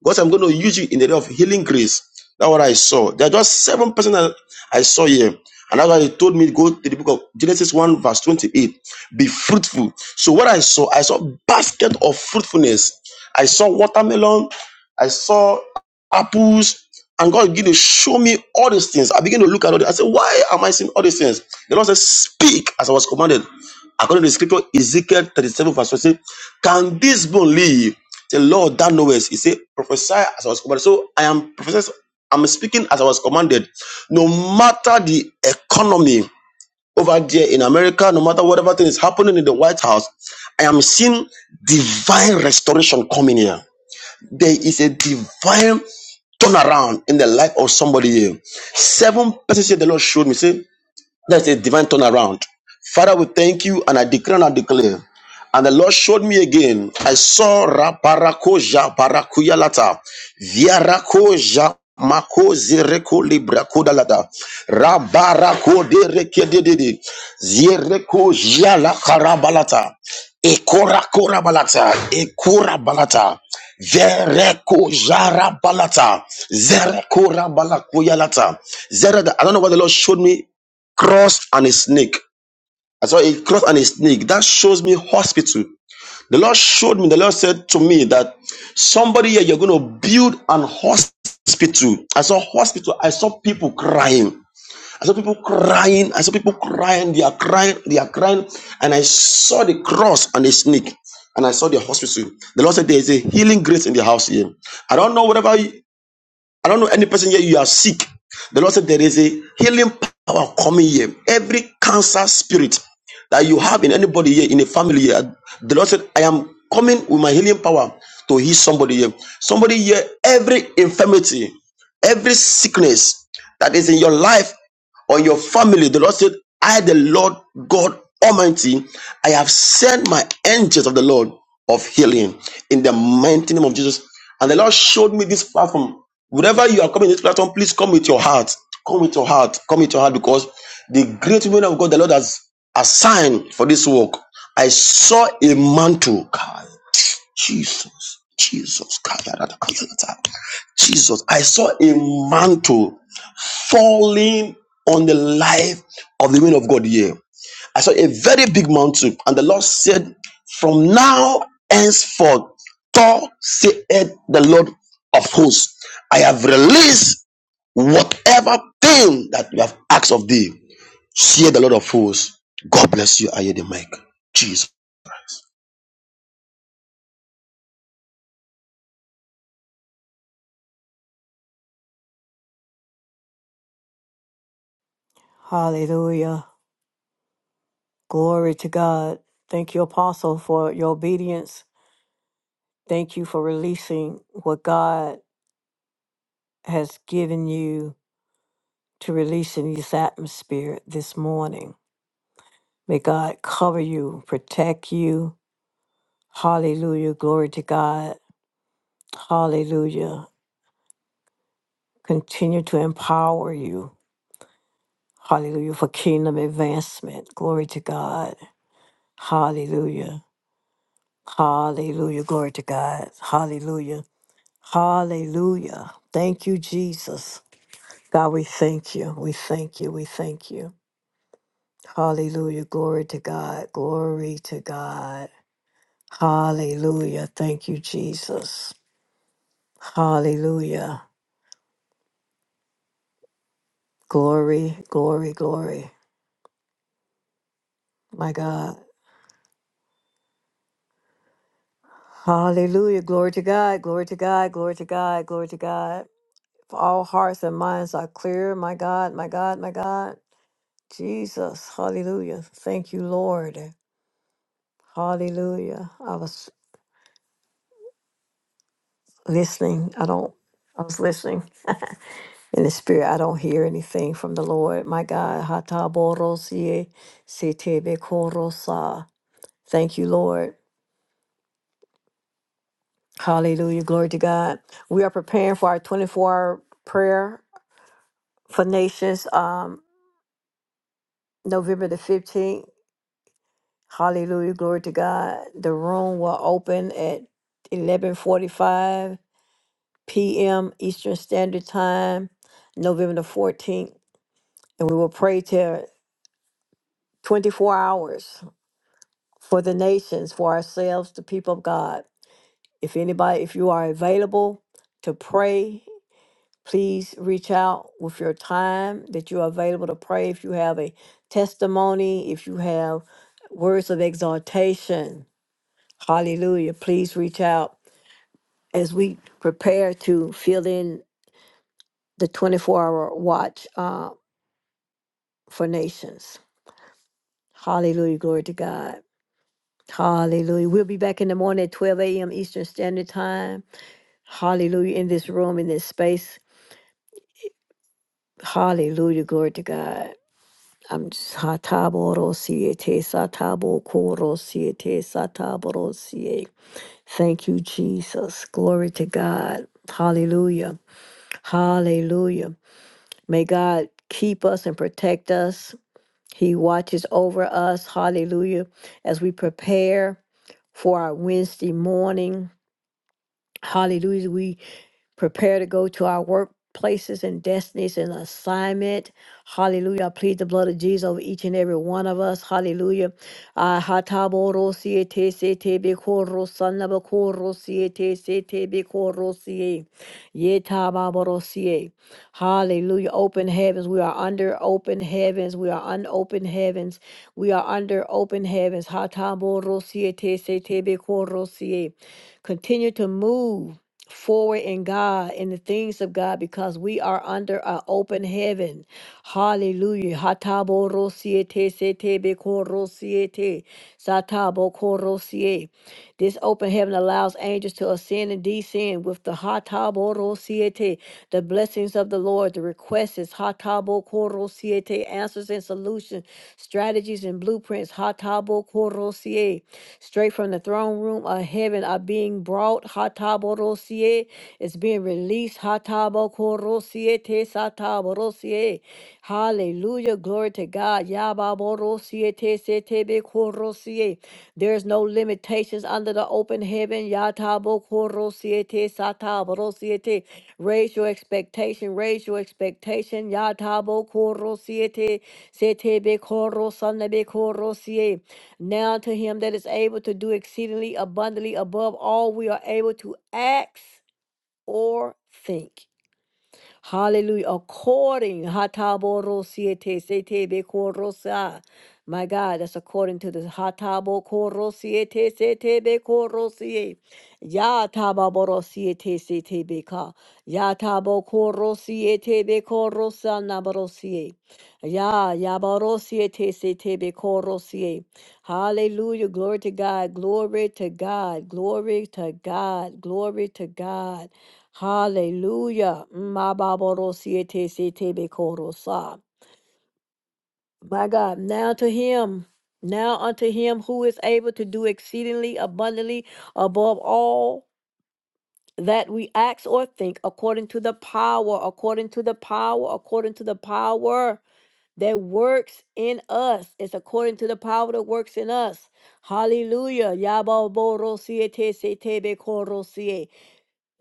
[SPEAKER 4] God, said, I'm going to use you in the area of healing grace. That's what I saw. There are just seven person that I saw here. And that's why he told me go to the book of Genesis 1, verse 28. Be fruitful. So what I saw, I saw basket of fruitfulness I saw watermelon, I saw apples, and God began to show me all these things. I began to look at all this. I said, Why am I seeing all these things? The Lord said, Speak as I was commanded. According to the scripture, Ezekiel 37, verse 1 say, Can this bone live? The Lord that knowest. He said, Prophesy as I was commanded. So I am prophesying, I'm speaking as I was commanded. No matter the economy, over there in America, no matter whatever thing is happening in the White House, I am seeing divine restoration coming here. There is a divine turnaround in the life of somebody here. Seven persons here the Lord showed me. Say, that's a divine turnaround. Father, we thank you and I declare and I declare. And the Lord showed me again. I saw Raparakoja Barakuyalata. Viarakoja Mako Zireko Libra Kodalata. Rabarako de Rekedede. Zireko Jala Karabalata. Ekora Korabalata. Ekora Balata. Vereko Jara Balata. Zereko Rabalakuyalata. Zerada. I don't know what the Lord showed me cross and a snake. I saw a cross and a snake. That shows me hospital. The Lord showed me, the Lord said to me that somebody here, you're going to build an hospital. I saw hospital. I saw people crying. I saw people crying. I saw people crying. They are crying. They are crying. And I saw the cross and the snake. And I saw the hospital. The Lord said there is a healing grace in the house here. I don't know whatever. I don't know any person here, you are sick. The Lord said there is a healing power coming here. Every cancer spirit that you have in anybody here, in a family here, the Lord said, I am coming with my healing power to heal somebody here. Somebody here, every infirmity, every sickness that is in your life, or your family, the Lord said, I, the Lord God Almighty, I have sent my angels of the Lord of healing in the mighty name of Jesus. And the Lord showed me this platform. Wherever you are coming to this platform, please come with your heart. Come with your heart. Come with your heart because the great women of God, the Lord has assigned for this work. I saw a mantle. Kai, Jesus. Jesus. God, yada, kai, Jesus. I saw a mantle falling on the life of the women of God here. I saw a very big mountain, and the Lord said, From now henceforth, thou saith the Lord of hosts, I have released whatever thing that you have asked of thee. Say the Lord of hosts. God bless you. I hear the mic. Jesus.
[SPEAKER 1] Hallelujah. Glory to God. Thank you, Apostle, for your obedience. Thank you for releasing what God has given you to release in this atmosphere this morning. May God cover you, protect you, Hallelujah. Glory to God. Hallelujah. Continue to empower you. Hallelujah. For kingdom advancement. Glory to God. Hallelujah. Hallelujah. Glory to God. Hallelujah. Hallelujah. Thank you, Jesus. God, we thank you. We thank you. We thank you. Hallelujah. Glory to God. Glory to God. Hallelujah. Thank you, Jesus. Hallelujah. Glory, glory, glory. My God. Hallelujah. Glory to God. Glory to God. Glory to God. Glory to God. If all hearts and minds are clear, my God, my God, my God. Jesus. Hallelujah. Thank you, Lord. Hallelujah. I was listening. I don't, I was listening in the spirit. I don't hear anything from the Lord. My God. Hataborosie setebekorosa. Thank you, Lord. Hallelujah. Glory to God. We are preparing for our 24 hour prayer for nations um november the 15th hallelujah glory to god the room will open at 11:45 p.m. eastern standard time november the 14th and we will pray till 24 hours for the nations for ourselves the people of god if anybody if you are available to pray Please reach out with your time that you are available to pray. If you have a testimony, if you have words of exhortation, hallelujah, please reach out as we prepare to fill in the 24 hour watch uh, for nations. Hallelujah, glory to God. Hallelujah. We'll be back in the morning at 12 a.m. Eastern Standard Time. Hallelujah. In this room, in this space. Hallelujah, glory to God. I'm sataboro siete satabo koro siete sataboro siete. Thank you, Jesus. Glory to God. Hallelujah. Hallelujah. May God keep us and protect us. He watches over us. Hallelujah. As we prepare for our Wednesday morning. Hallelujah. We prepare to go to our workplaces and destinies and assignment. Hallelujah. I plead the blood of Jesus over each and every one of us. Hallelujah. Ah, hataboro siete sete bekoro sanabakoro siete sete bekoro sie. Yetababoro sie. Hallelujah. Open heavens. We are under open heavens. We are unopened heavens. We are under open heavens. Hataboro siete sete bekoro sie. Continue to move forward in God, in the things of God, because we are under an open heaven. Hallelujah. Hatabo rosiete setebe korosiete satabo korosie. This open heaven allows angels to ascend and descend with the Hataboro Siete, the blessings of the Lord. The request is Hatabo Koro Siete, answers and solutions, strategies and blueprints. Hatabo Koro Siete, straight from the throne room of heaven are being brought. Hataboro Siete, it's being released. Hatabo Koro Siete, Sataboro Siete. Hallelujah. Glory to God. Yababoro Siete, Setebe Koro Siete. There's no limitations under the open heaven. Yatabo koro siete satabro siete. Raise your expectation. Raise your expectation. Yatabo koro siete sete be koro sanabe koro siete. Now to him that is able to do exceedingly abundantly above all we are able to ask or think. Hallelujah. According, Hatabo siete sete bekorosa. My God, that's according to the Hatabo korosiete sete bekorosie. Yatababorosiete sete beka. Yatabo korosiete bekorosa naborosie. Ya yabarosie te se te be korosie. Hallelujah. Glory to God. Glory to God. Glory to God. Glory to God. Hallelujah. Ma babarosie te se te be korosa. My God, now to him. Now unto him who is able to do exceedingly abundantly above all that we ask or think, according to the power, according to the power, according to the power that works in us. It's according to the power that works in us. Hallelujah. Yaboboro siete sete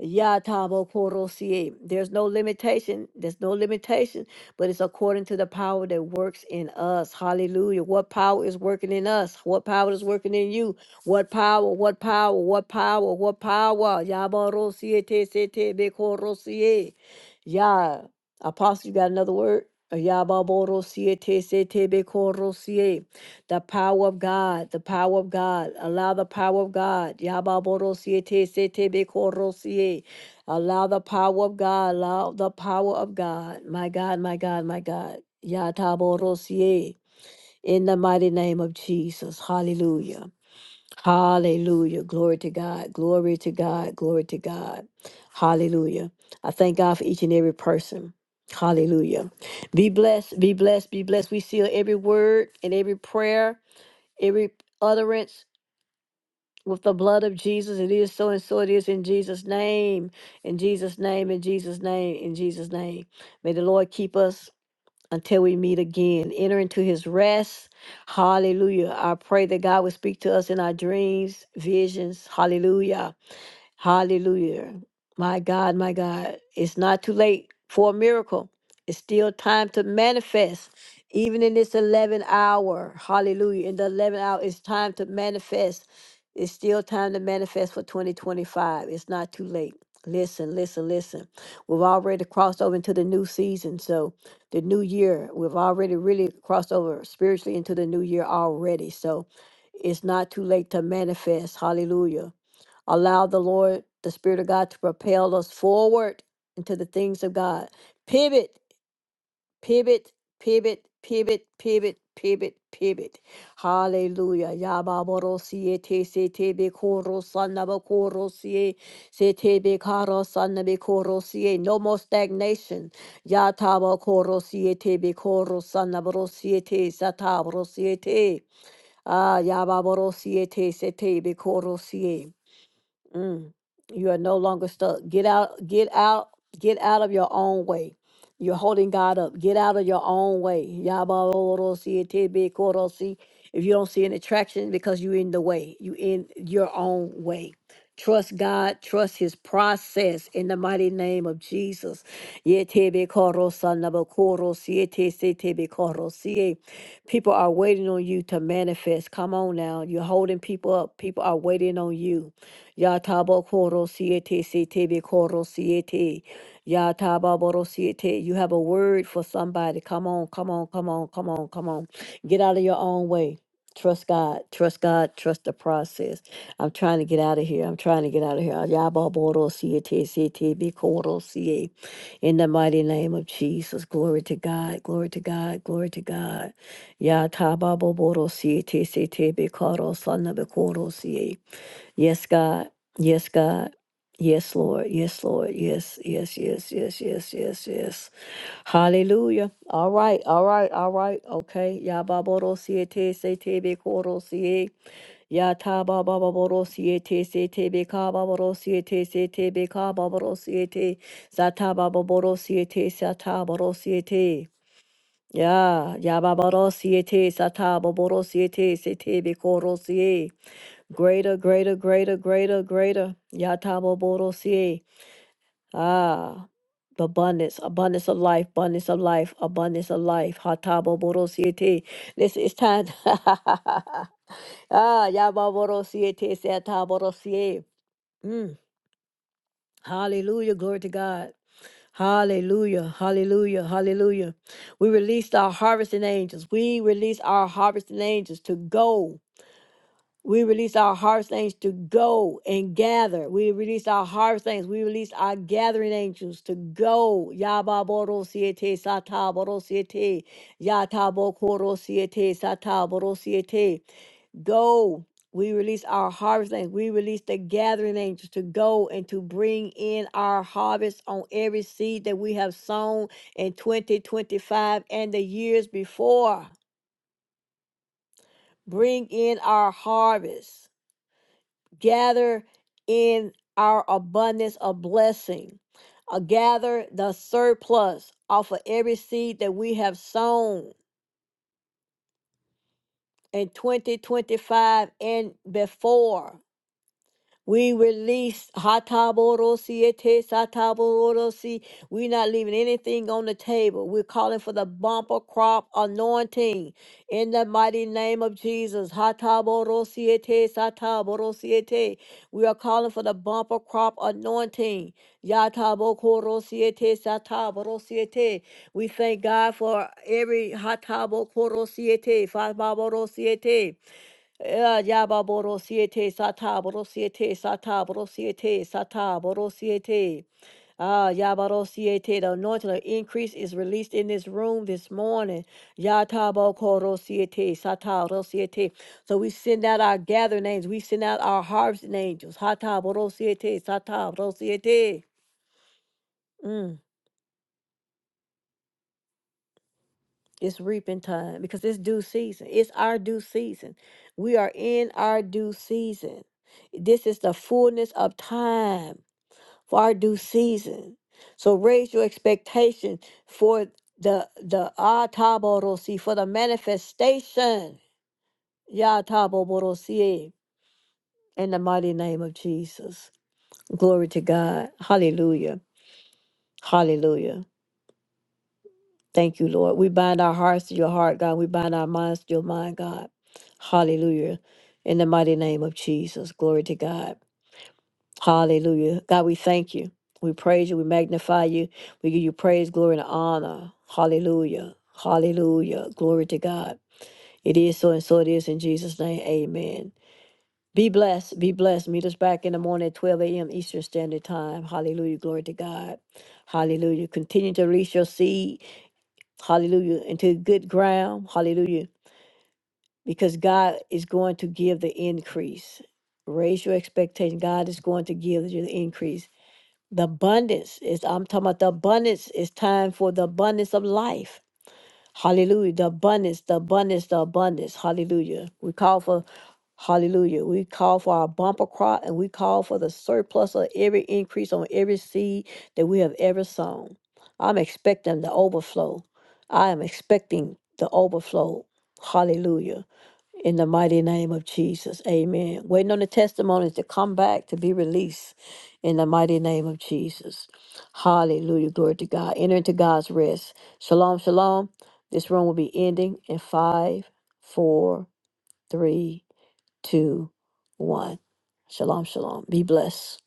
[SPEAKER 1] Yatabo Porosie. There's no limitation. There's no limitation, but it's according to the power that works in us. Hallelujah. What power is working in us? What power is working in you? What power? What power? What power? What power? Yaborosie te se te be korosie. Ya. Apostle, you got another word? Yababorosie te se te be korosie. The power of God, the power of God. Allow the power of God. Yababorosie te se te be Allow the power of God. Allow the power of God. My God, my God, my God. Yataborosie. In the mighty name of Jesus. Hallelujah. Hallelujah. Glory to God. Glory to God. Glory to God. Hallelujah. I thank God for each and every person. Hallelujah. Be blessed. Be blessed. Be blessed. We seal every word and every prayer every utterance with the blood of Jesus. It is so and so it is in Jesus' name. In Jesus' name, in Jesus' name, in Jesus' name. May the Lord keep us until we meet again. Enter into his rest. Hallelujah. I pray that God will speak to us in our dreams, visions. Hallelujah. Hallelujah. My God, my God. It's not too late for a miracle. It's still time to manifest. Even in this 11 hour, hallelujah. In the 11 hour, it's time to manifest. It's still time to manifest for 2025. It's not too late. Listen, listen, listen. We've already crossed over into the new season. So, the new year, we've already really crossed over spiritually into the new year already. So, it's not too late to manifest. Hallelujah Allow the Lord, the Spirit of God, to propel us forward into the things of God. Pivot, pivot, pivot, pivot, pivot, pivot, pivot. Hallelujah. Yababorosie te se te be koro sanaba korosie se te be karo sanabe korosie. No more stagnation. Yataba korosie te be koro sanaborosie te satabrosie te. Ah, yababorosie te se te be korosie. Mm. You are no longer stuck. Get out, get out, get out of your own way. You're holding God up. Get out of your own way. Yabarorosi, etebekorosi. If you don't see any traction because you're in the way, you in your own way. Trust God, trust his process in the mighty name of Jesus. Yetebekorosanabakorosi, etesetebekorosi. People are waiting on you to manifest. Come on now. You're holding people up. People are waiting on you. Yatabo koro siete setebe koro siete. Yataba boro siete. You have a word for somebody. Come on, come on, come on, come on, come on. Get out of your own way. Trust God. Trust God. Trust the process. I'm trying to get out of here. I'm trying to get out of here. Yaba boro siete setebe koro siete. In the mighty name of Jesus. Glory to God. Glory to God. Glory to God. Ya tababo boro siete setebe koro sana be koro siete. Yes, God. Yes, God. Yes, Lord. Yes, Lord. Yes, yes, yes, yes, yes, yes, yes. Hallelujah. All right, all right, all right. Okay. Ya baboro siete se tebe koro sie. Ya ta ba ba baboro siete se tebe ka baboro siete se tebe ka baboro siete. Sa ta ba baboro siete sa ta baboro siete. Ya ya baboro siete sa ta baboro siete se tebe koro sie. Greater, greater, greater, greater, greater. Yatabo borosie. Ah. the Abundance, abundance of life, abundance of life, abundance of life. Hatabo Hatabobodosiete. This is time. ah, Yababodosiete, Satabodosie. Mm. Hallelujah. Glory to God. Hallelujah. Hallelujah. Hallelujah. We released our harvesting angels. We released our harvesting angels to go. We release our harvest angels to go and gather. We release our harvest angels. We release our gathering angels to go. Yababoro siete sataboro siete. Yatabokoro siete sataboro siete. Go. We release our harvest angels. We release the gathering angels to go and to bring in our harvest on every seed that we have sown in 2025 and the years before. Bring in our harvest gather in our abundance of blessing, uh, gather the surplus off of every seed that we have sown in 2025 and before. We release hataboro siete sataboro si. We're not leaving anything on the table. We're calling for the bumper crop anointing in the mighty name of Jesus. Hataboro siete sataboro siete. We are calling for the bumper crop anointing. Yatabokorosi siete sataboro siete. We thank God for every hatabokorosi siete fababorosi siete. Eh, Yaba boro siete sata boro siete sata boro siete sata boro siete. Ah, Yabaro siete. The anointing of increase is released in this room this morning. Yatabo koro siete sata boro siete. So we send out our gathering names. We send out our harvesting angels. Hata boro siete sata boro siete. Mm, It's reaping time because it's due season. It's our due season. We are in our due season. This is the fullness of time. for our due season. So raise your expectation for the the ataborosi for the manifestation. Yataboborosi in the mighty name of Jesus. Glory to God. Hallelujah. Hallelujah. Thank you, Lord. We bind our hearts to your heart, God. We bind our minds to your mind, God. Hallelujah. In the mighty name of Jesus. Glory to God. Hallelujah. God, we thank you. We praise you. We magnify you. We give you praise, glory, and honor. Hallelujah. Hallelujah. Glory to God. It is so and so it is in Jesus' name. Amen. Be blessed. Be blessed. Meet us back in the morning at 12 a.m. Eastern Standard Time. Hallelujah. Glory to God. Hallelujah. Continue to release your seed. Hallelujah. Into good ground. Hallelujah. Because God is going to give the increase. Raise your expectation. God is going to give you the increase. The abundance is, I'm talking about the abundance. It's time for the abundance of life. Hallelujah. The abundance, the abundance, the abundance. Hallelujah. We call for, hallelujah. We call for our bumper crop and we call for the surplus of every increase on every seed that we have ever sown. I'm expecting the overflow. I am expecting the overflow. Hallelujah. In the mighty name of Jesus. Amen. Waiting on the testimonies to come back to be released in the mighty name of Jesus. Hallelujah. Glory to God. Enter into God's rest. Shalom, shalom. This room will be ending in five, four, three, two, one. Shalom, shalom. Be blessed.